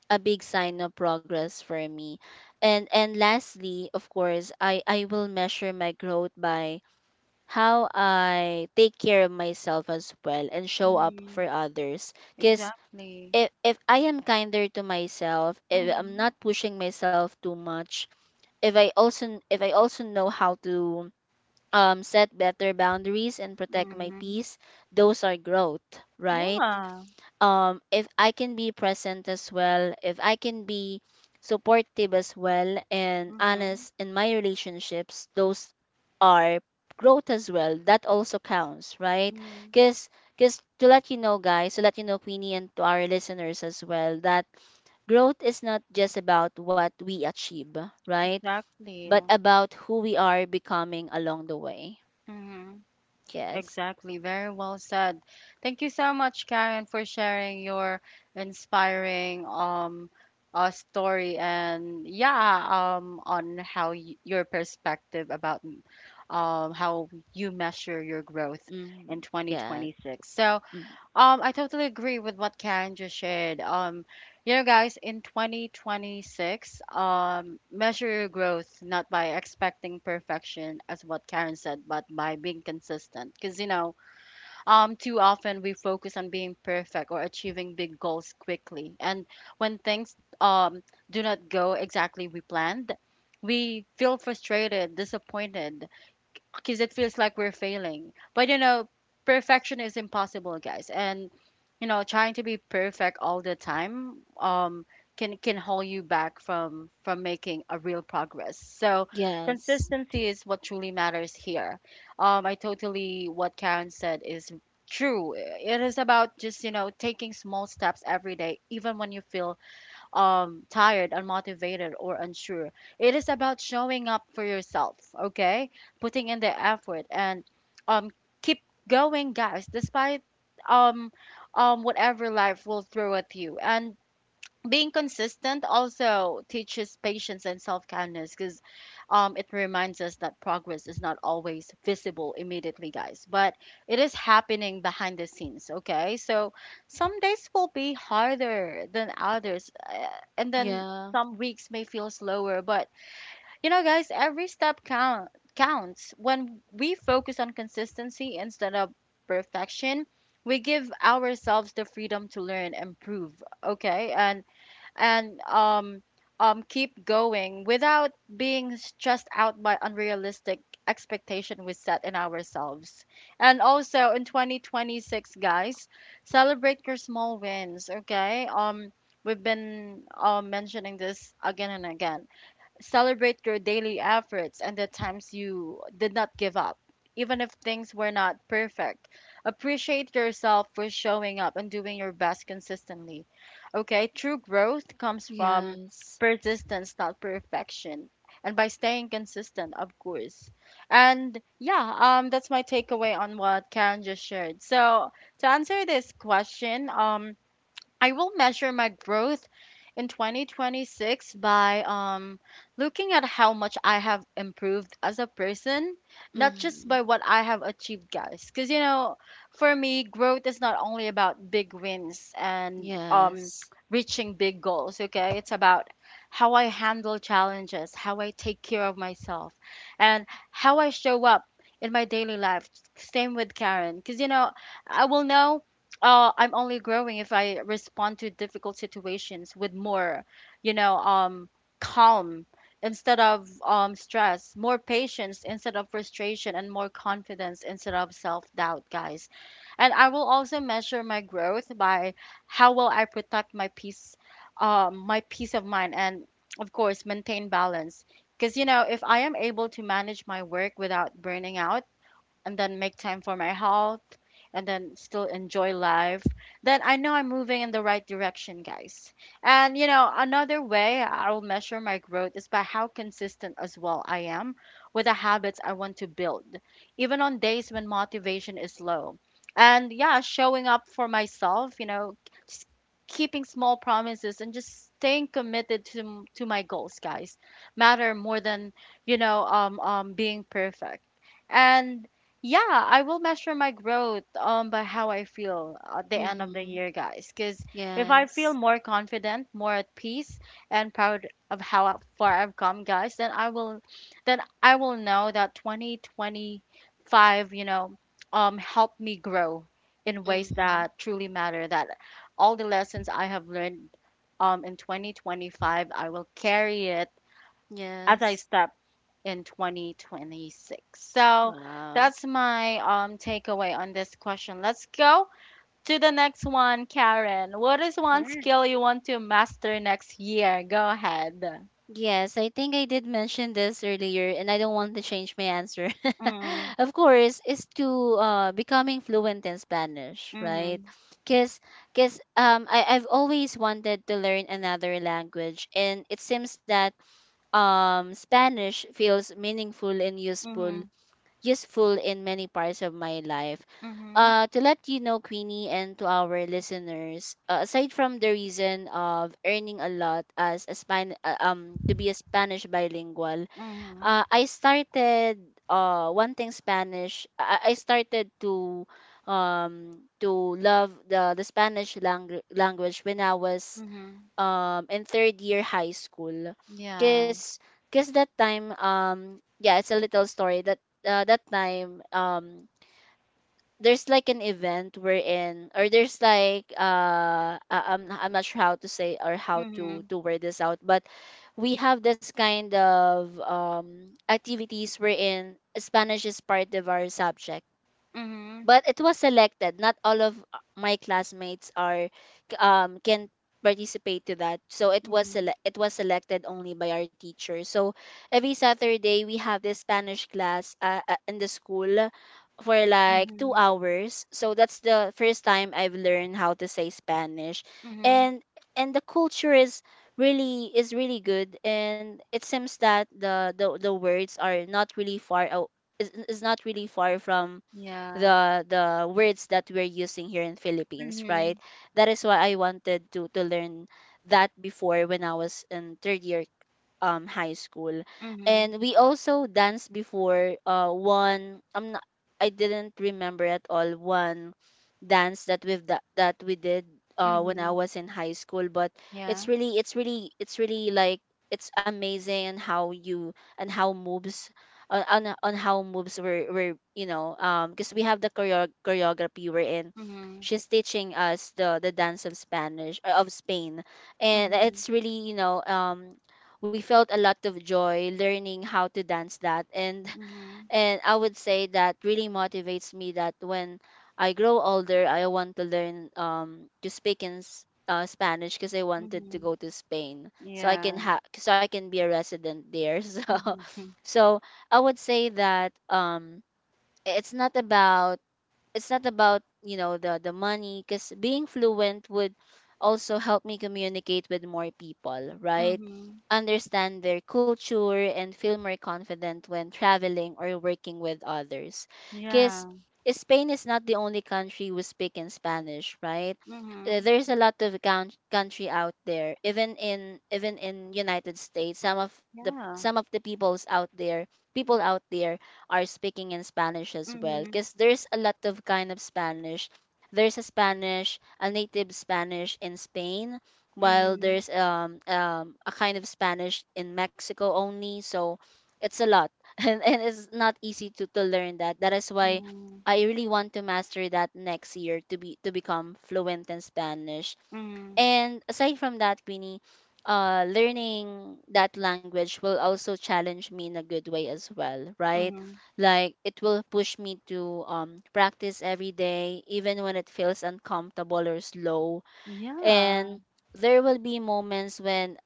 B: a big sign of progress for me. And lastly, of course, I will measure my growth by how I take care of myself as well and show up for
A: Mhm,
B: others. Cause,
A: exactly.
B: if I am kinder to myself, if I'm
A: Mhm,
B: not pushing myself too much, if I also know how to set better boundaries and protect my
A: mhm,
B: peace, those are growth, right?
A: yeah.
B: If I can be present as well, if I can be supportive as well and honest
A: Mhm,
B: in my relationships, those are growth as well. That also counts, right?
A: mhm,
B: Cause because, to let you know, guys, to let you know, Queenie, and to our listeners as well, that growth is not just about what we achieve, right?
A: exactly.
B: But about who we are becoming along the way.
A: Mhm.
B: Yes.
A: Exactly. Very well said. Thank you so much, Karen, for sharing your inspiring story, and yeah, on how y your perspective about how you measure your growth in
B: Mm, yes.
A: 2026. So,
B: Mm,
A: I totally agree with what Karen just shared. Guys, in 2026, measure your growth not by expecting perfection, as what Karen said, but by being consistent. Because, too often we focus on being perfect or achieving big goals quickly. And when things do not go exactly we planned, we feel frustrated, disappointed, because it feels like we're failing. But perfection is impossible, guys. And trying to be perfect all the time can hold you back from making a real progress. So
B: yes.
A: consistency is what truly matters here. I totally what Karen said is true. It is about just taking small steps every day, even when you feel tired, unmotivated, or unsure. It is about showing up for yourself, okay? Putting in the effort and um, keep going, guys, despite um, whatever life will throw at you. And being consistent also teaches patience and self-kindness, because it reminds us that progress is not always visible immediately, guys, but it is happening behind the scenes. Okay, so some days will be harder than others, and then
B: Yeah.
A: some weeks may feel slower, but guys, every step count counts. When we focus on consistency instead of perfection, we give ourselves the freedom to learn, improve, okay, and keep going without being stressed out by unrealistic expectation we set in ourselves. And also in 2026, guys, celebrate your small wins, okay? We've been mentioning this again and again. Celebrate your daily efforts and the times you did not give up, even if things were not perfect. Appreciate yourself for showing up and doing your best consistently. Okay, true growth comes from
B: Yes.
A: persistence, not perfection. And by staying consistent, of course. And yeah, that's my takeaway on what Karen just shared. So to answer this question, I will measure my growth in 2026 by looking at how much I have improved as a person, not just
B: Mm-hmm.
A: by what I have achieved, guys. Because, for me, growth is not only about big wins and
B: Yes.
A: reaching big goals, okay? It's about how I handle challenges, how I take care of myself, and how I show up in my daily life. Same with Karen. Because, I will know, I'm only growing if I respond to difficult situations with more, you know, um, calm instead of stress, more patience instead of frustration, and more confidence instead of self doubt, guys. And I will also measure my growth by how well I protect my peace of mind, and of course, maintain balance. Because, if I am able to manage my work without burning out, and then make time for my health and then still enjoy life, then I know I'm moving in the right direction, guys. And another way I'll measure my growth is by how consistent as well I am with the habits I want to build, even on days when motivation is low. And yeah, showing up for myself, s- keeping small promises and just staying committed to my goals, guys, matter more than, being perfect. And yeah, I will measure my growth by how I feel at the end of the
B: Mm-hmm.
A: year, guys. Because if I feel
B: Yes.
A: more confident, more at peace, and proud of how far I've come, guys, then then I will know that 2025, helped me grow in ways
B: Mm-hmm.
A: that truly matter. That all the lessons I have learned, in 2025, I will carry it as I
B: Yes.
A: step in 2026. So
B: Wow.
A: that's my takeaway on this question. Let's go to the next one, Karen. What is one
B: Sure.
A: skill you want to master next year? Go ahead.
B: Yes, I think I did mention this earlier, and I don't want to change my answer.
A: Mm,
B: Of course, is to, becoming fluent in Spanish, right?
A: mhm,
B: Because because, I've always wanted to learn another language, and it seems that, Spanish feels meaningful and useful,
A: mhm,
B: in many parts of my life.
A: mhm,
B: To let you know, Queenie, and to our listeners, aside from the reason of earning a lot as a to be a Spanish bilingual,
A: mhm,
B: I started, wanting Spanish. I started to, to love the Spanish language when I was,
A: mhm.
B: and third year high school,
A: Yeah.
B: because that time, yeah, it's a little story that, that time, there's like an event we're in, or there's like, I'm not sure how to say, or how to
A: Mhm,
B: to word this out, but we have this kind of, activities we're in, Spanish is part of our subject.
A: mhm,
B: But it was selected, not all of, my classmates are, can participate to that, so it was
A: mhm,
B: selected only by our teacher. So every Saturday we have this Spanish class, in the school for like 2
A: mhm,
B: hours. So that's the first time I've learned how to say Spanish.
A: mhm.
B: And and the culture is really good, and it seems that the words are not really far out, is not really far from
A: Yeah.
B: the words that we're using here in Philippines, right?
A: Mhm,
B: That is why I wanted to learn that before, when I was in third year, high school.
A: mhm,
B: And we also danced before one I'm not I didn't remember at all one dance that we did when I
A: mhm.
B: was in high school. But
A: Yeah.
B: it's really it's amazing. And how you and how moves on how moves were you know because we have the choreography, we're in,
A: Mhm,
B: she's teaching us the dance of Spanish, of Spain. And
A: mhm,
B: it's really, you know, we felt a lot of joy learning how to dance that. and
A: mhm,
B: and I would say that really motivates me, that when I grow older, I want to learn to speak in Spanish, because I wanted to
A: mhm.
B: go to Spain so I
A: Yeah.
B: can be a resident there so
A: Mhm.
B: so I would say that, it's not about, it's not about the money, because being fluent would also help me communicate with more people, right?
A: Mhm.
B: Understand their culture and feel more confident when traveling or working with others. Because
A: Yeah.
B: Spain is not the only country who speak in Spanish, right?
A: Mhm.
B: There's a lot of country out there. Even in United States, some of the
A: Yeah.
B: peoples out there, people out there are speaking in Spanish as well,
A: Mhm.
B: because there's a lot of kind of Spanish. There's a Spanish, a native Spanish in Spain, while
A: Mhm.
B: there's a kind of Spanish in Mexico only. So it's a lot and it's not easy to learn that. That is why
A: Mhm.
B: I really want to master that next year, to be to become fluent in Spanish.
A: Mhm.
B: And aside from that, Queenie, learning that language will also challenge me in a good way as well, right?
A: Mhm.
B: Like it will push me to, practice every day, even when it feels uncomfortable or slow.
A: Yeah.
B: And there will be moments when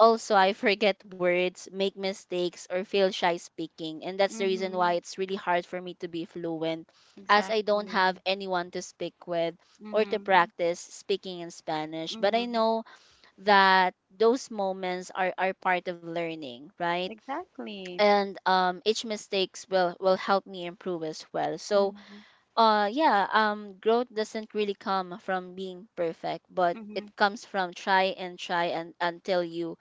B: also I forget words, make mistakes, or feel shy speaking. And that's the reason why
A: Mhm.
B: it's really hard for me to be fluent, as I don't have
A: Exactly.
B: anyone to speak with or to
A: Mhm.
B: practice speaking in Spanish. But I
A: Mhm.
B: know that those moments are part of learning, right?
A: Exactly.
B: And each mistakes will help me improve as well. So
A: Mhm.
B: yeah, growth doesn't really come from being perfect, but it
A: Mhm.
B: comes from try and try and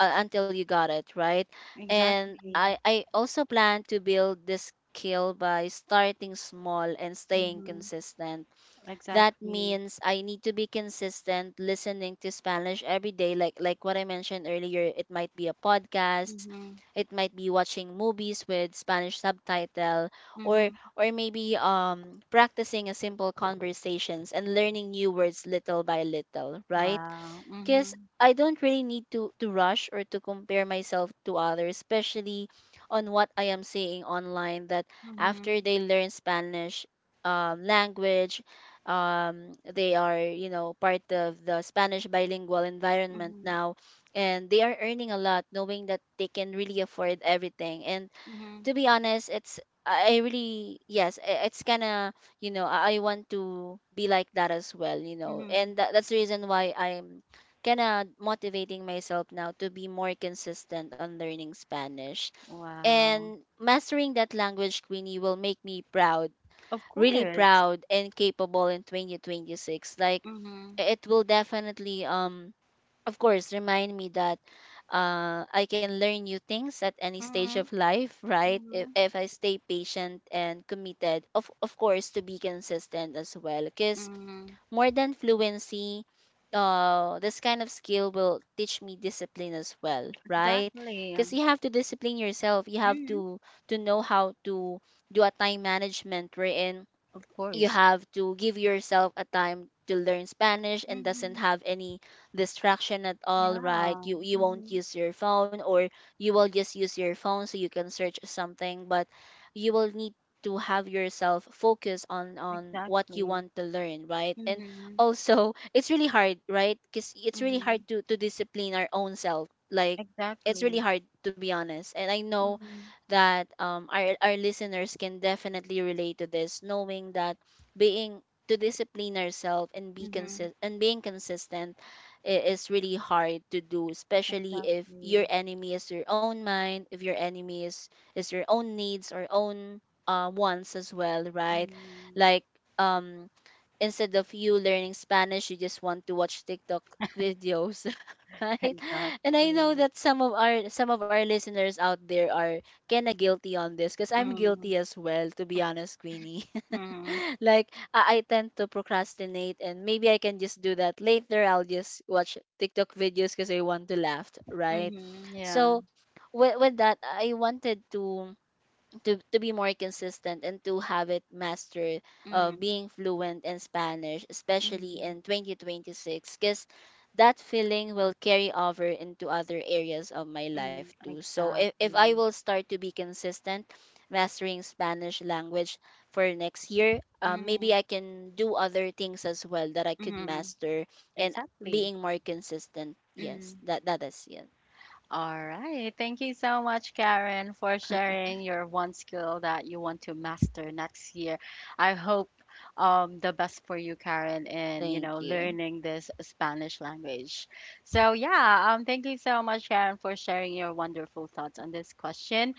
B: until you got it right. And i
A: Exactly.
B: i also plan to build this skill by starting small and staying
A: Mhm.
B: consistent. That
A: Exactly.
B: means I need to be consistent listening to Spanish every day, like what I mentioned earlier. It might be a podcast,
A: Mhm.
B: it might be watching movies with Spanish subtitle, or
A: Mhm.
B: maybe practicing a simple conversations and learning new words little by little, right?
A: Wow.
B: Because
A: Mhm.
B: I don't really need to rush or to compare myself to others, especially on what I am seeing online, that after
A: Mhm.
B: they learn Spanish language, they are, you know, part of the Spanish bilingual environment
A: Mhm.
B: now, and they are earning a lot, knowing that they can really afford everything. And to
A: Mhm.
B: be honest, it's I really, yes, it's kind of, you know, I want to be like that as well, you know.
A: Mhm.
B: And that's the reason why I'm kind of motivating myself now to be more consistent on learning Spanish,
A: Wow.
B: and mastering that language, Queenie, will make me proud,
A: Of
B: really
A: course.
B: proud and capable in 2026. Like
A: Mhm.
B: it will definitely of course remind me that I can learn new things at any stage of
A: Mhm.
B: life, right?
A: Mhm.
B: If I stay patient and committed, of course, to be consistent as well. Because
A: Mhm.
B: more than fluency, this kind of skill will teach me discipline as well, right?
A: Exactly.
B: Because you have to discipline yourself. You have
A: Mhm.
B: to know how to do a time management, wherein
A: Of
B: you
A: course.
B: have to give yourself a time to learn Spanish, and doesn't
A: Mhm.
B: have any distraction at all, right?
A: Yeah.
B: You won't
A: Mhm.
B: use your phone, or you will just use your phone so you can search something, but you will need to have yourself focus on what you
A: Exactly.
B: want to learn, right? And
A: Mhm.
B: also it's really hard, right? Because it's really hard
A: Mhm.
B: to discipline our own self. Like it's really
A: Exactly.
B: hard, to be honest. And I know
A: Mhm.
B: that our listeners can definitely relate to this, knowing that being to discipline ourselves and be
A: Mhm.
B: consist and being consistent is really hard to do, especially if your
A: Exactly.
B: enemy is your own mind, if your enemy is your own needs or own wants as well, right?
A: Mhm.
B: Like um instead of you learning Spanish, you just want to watch TikTok videos, right? And I know
A: Exactly.
B: that some of our listeners out there are kinda guilty on this, because I'm
A: Mm.
B: guilty as well, to be honest, Queenie.
A: Mm.
B: Like I tend to procrastinate, and maybe I can just do that later. I'll just watch TikTok videos because I want to laugh, right?
A: Mhm. Yeah.
B: So with that, I wanted to to be more consistent and to have it mastered,
A: Mhm.
B: being fluent in Spanish, especially
A: Mhm.
B: in 2026, because that feeling will carry over into other areas of my life
A: Mm.
B: too. So if I will
A: Exactly.
B: start to be consistent mastering Spanish language for next year, maybe
A: Mhm.
B: I can do other things as well that I could
A: Mm.
B: master and
A: Exactly.
B: being more consistent. Yes, that that is it.
A: All right. Thank you so much, Karen, for sharing your one skill that you want to master next year. I hope the best for you, Karen, in
B: Thank you.
A: learning this Spanish language. So yeah, thank you so much, Karen, for sharing your wonderful thoughts on this question.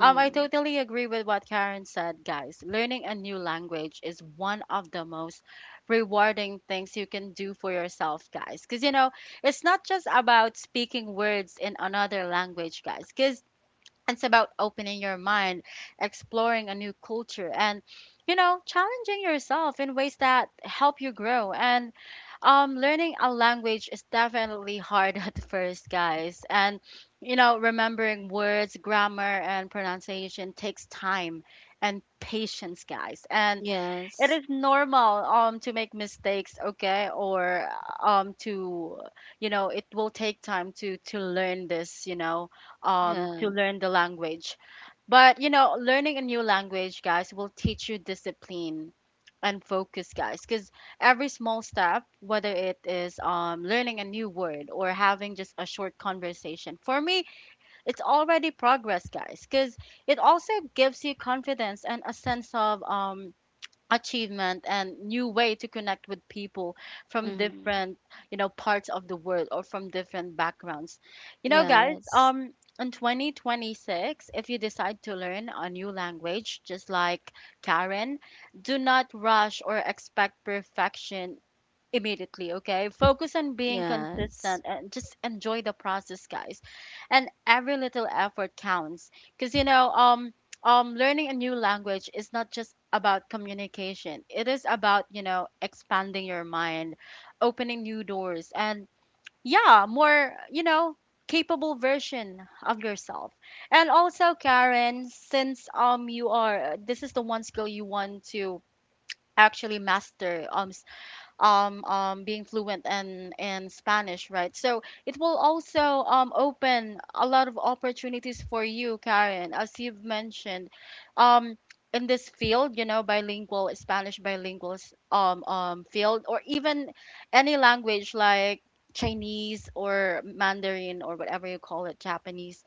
A: I totally agree with what Karen said, guys. Learning a new language is one of the most rewarding things you can do for yourself, guys, because it's not just about speaking words in another language, guys, because it's about opening your mind, exploring a new culture, and, challenging yourself in ways that help you grow. And learning a language is definitely hard at first, guys. And, remembering words, grammar, and pronunciation takes time and patience, guys. And it
B: Yes.
A: is normal to make mistakes, okay, or to you know it will take time to learn this,
B: Yeah.
A: to learn the language. But you know, learning a new language, guys, will teach you discipline and focus, guys, because every small step, whether it is learning a new word or having just a short conversation, for me it's already progress, guys, because it also gives you confidence and a sense of achievement and new way to connect with people from
B: Mm.
A: different, you know, parts of the world or from different backgrounds. you know guys
B: Yes.
A: um in 2026, if you decide to learn a new language, just like Karen, do not rush or expect perfection immediately, okay? Focus on being
B: Yes.
A: consistent and just enjoy the process, guys. And every little effort counts because, you know, learning a new language is not just about communication, it is about, you know, expanding your mind, opening new doors, and yeah, more, you know, capable version of yourself. And also, Karen, since you are, this is the one skill you want to actually master, being fluent in Spanish, right? So it will also open a lot of opportunities for you, Karen, as you've mentioned. Um, in this field, you know, bilingual, Spanish bilingual field, or even any language like Chinese or Mandarin or whatever you call it, Japanese,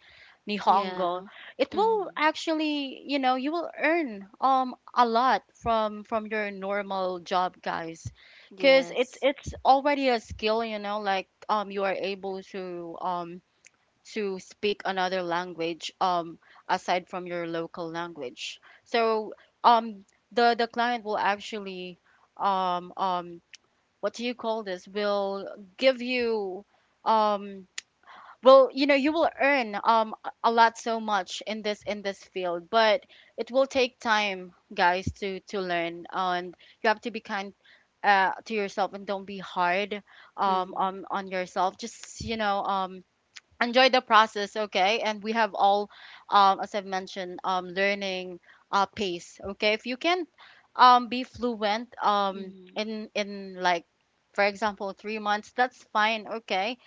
B: Yeah.
A: Nihongo, it will
B: Mm-hmm.
A: actually, you know, you will earn a lot from your normal job, guys, because it's
B: Yes.
A: it's already a skill, you know, like you are able to speak another language aside from your local language. So um the client will actually um um what do you call this, will give you um well, you know, you will earn a lot, so much, in this field. But it will take time, guys, to learn, and you have to be kind to yourself and don't be hard
B: Mm-hmm.
A: on yourself. Just, you know, enjoy the process, okay? And we have all, as I've mentioned, learning pace, okay? If you can be fluent
B: Mm-hmm.
A: in like, for example, 3 months, that's fine, okay.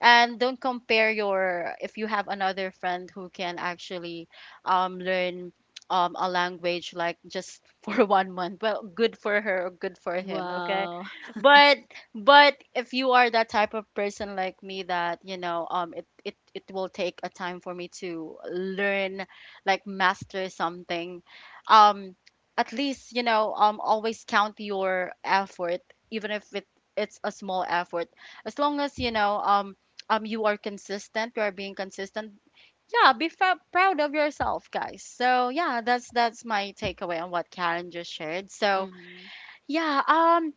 A: And don't compare your, if you have another friend who can actually learn a language like just for 1 month, well good for her or good for him, okay.
B: Wow.
A: but but if you are that type of person like me that, you know, it will take a time for me to learn, like master something, um, at least, you know, always count your effort, even if it's a small effort. As long as, you know, you are consistent, you are being consistent, yeah, be proud of yourself, guys. So yeah, that's my takeaway on what Karen just shared. So
B: Mm-hmm.
A: yeah,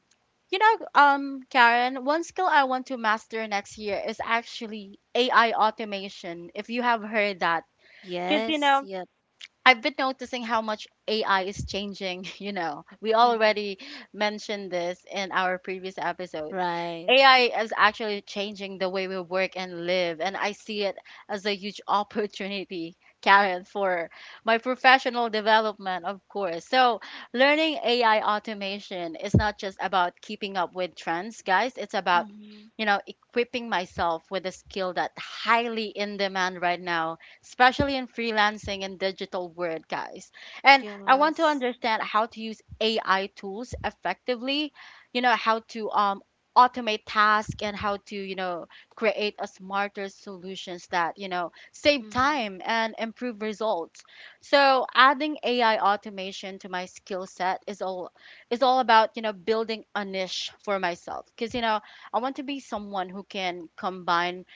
A: you know, Karen, one skill I want to master next year is actually AI automation, if you have heard that. Because, you
B: Yes.
A: know,
B: Yep.
A: I've been noticing how much AI is changing. You know, we
B: Mm-hmm.
A: already mentioned this in our previous episode.
B: Right.
A: AI is actually changing the way we work and live, and I see it as a huge opportunity, Karen, for my professional development, of course. So, learning AI automation is not just about keeping up with trends, guys, it's about,
B: Mm-hmm.
A: you know, equipping myself with a skill that highly in demand right now, especially in freelancing and digital world, guys. And I want to
B: Yes.
A: understand how to use AI tools effectively, you know, how to automate tasks and how to, you know, create a smarter solutions that, you know, save
B: Mm-hmm.
A: time and improve results. So adding AI automation to my skill set is all about, you know, building a niche for myself. Because, you know, I want to be someone who can combine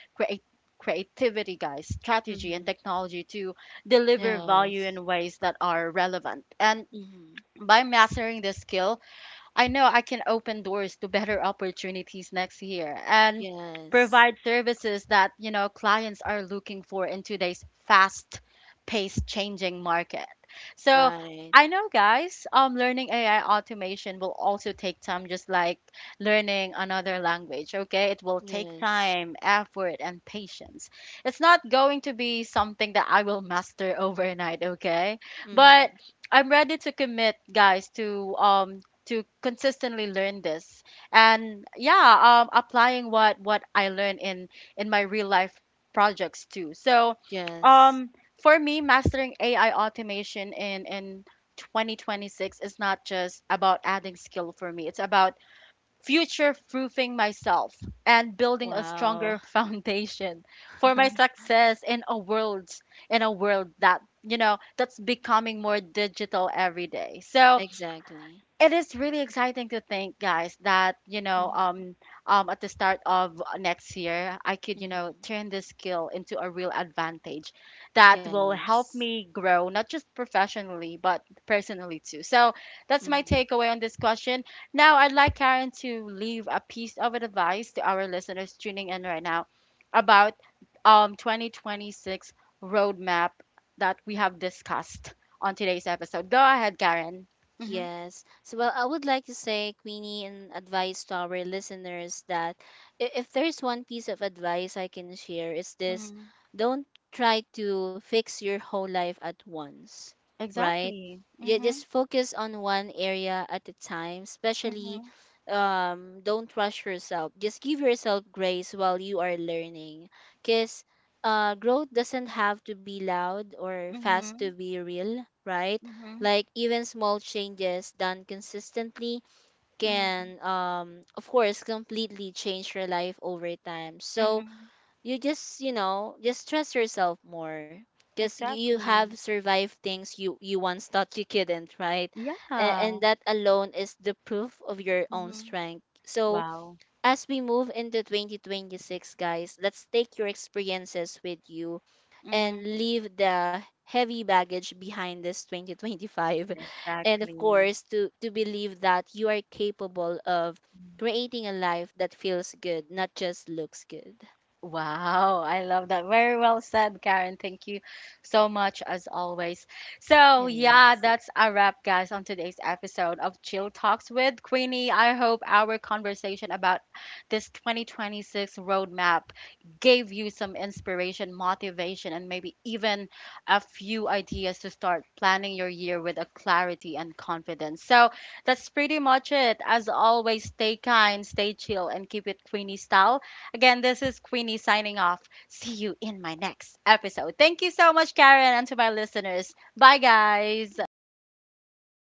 A: creativity, guys, strategy, and
B: Mm-hmm.
A: technology to deliver value
B: Yes.
A: in ways that are relevant. And
B: Mm-hmm.
A: by mastering this skill, I know I can open doors to better opportunities next year and
B: Yes.
A: provide services that, you know, clients are looking for in today's fast-paced changing market. So,
B: Right.
A: I know, guys, learning AI automation will also take time, just like learning another language, okay? It will take
B: Yes.
A: time, effort and patience. It's not going to be something that I will master overnight, okay? But
B: Mm-hmm.
A: I'm ready to commit, guys, to consistently learn this and yeah, applying what I learn in my real life projects too. So
B: Yes.
A: um for me, mastering AI automation in 2026 is not just about adding skill, for me it's about future proofing myself and building a
B: Wow.
A: stronger foundation for my success in a world, in a world that, you know, that's becoming more digital every day. So
B: Exactly.
A: it is really exciting to think, guys, that, you know,
B: Mm-hmm.
A: at the start of next year I could, you know,
B: Mm-hmm.
A: turn this skill into a real advantage that will help
B: Yes.
A: me grow, not just professionally but personally too. So that's my
B: Mm-hmm.
A: takeaway on this question. Now I'd like Karen to leave a piece of advice to our listeners tuning in right now about, 2026 roadmap that we have discussed on today's episode. Go ahead, Karen.
B: Yes. So, well, I would like to say, Queenie, and advice to our listeners that if there's one piece of advice I can share, is this:
A: Hmm.
B: don't try to fix your whole life at once, right?
A: Exactly.
B: You just
A: Mhm.
B: focus on one area at a time, especially,
A: Mhm.
B: don't rush yourself, just give yourself grace while you are learning. Because growth doesn't have to be loud or fast to
A: Mhm.
B: be real, right?
A: Mhm.
B: Like even small changes done consistently
A: Mhm.
B: can, of course, completely change your life over time. So
A: Mhm.
B: you just, you know, just trust yourself more, because you have
A: Exactly.
B: survived things you once thought you couldn't, right? And
A: Yeah.
B: that alone is the proof of your own
A: Mhm.
B: strength. So
A: Wow.
B: as we move into 2026, guys, let's take your experiences with you, and
A: Mhm.
B: leave the heavy baggage behind this 2025. And of
A: Exactly.
B: course, to believe that you are capable of creating a life that feels good, not just looks good.
A: Wow, I love that. Very well said, Karen. Thank you so much, as always. So, yeah,
B: Yes.
A: that's a wrap, guys, on today's episode of Chill Talks with Queenie. I hope our conversation about this 2026 roadmap gave you some inspiration, motivation, and maybe even a few ideas to start planning your year with a clarity and confidence. So, that's pretty much it. As always, stay kind, stay chill, and keep it Queenie style. Again, this is Queenie signing off. See you in my next episode. Thank you so much, Karen, and to my listeners. Bye, guys.
B: Bye.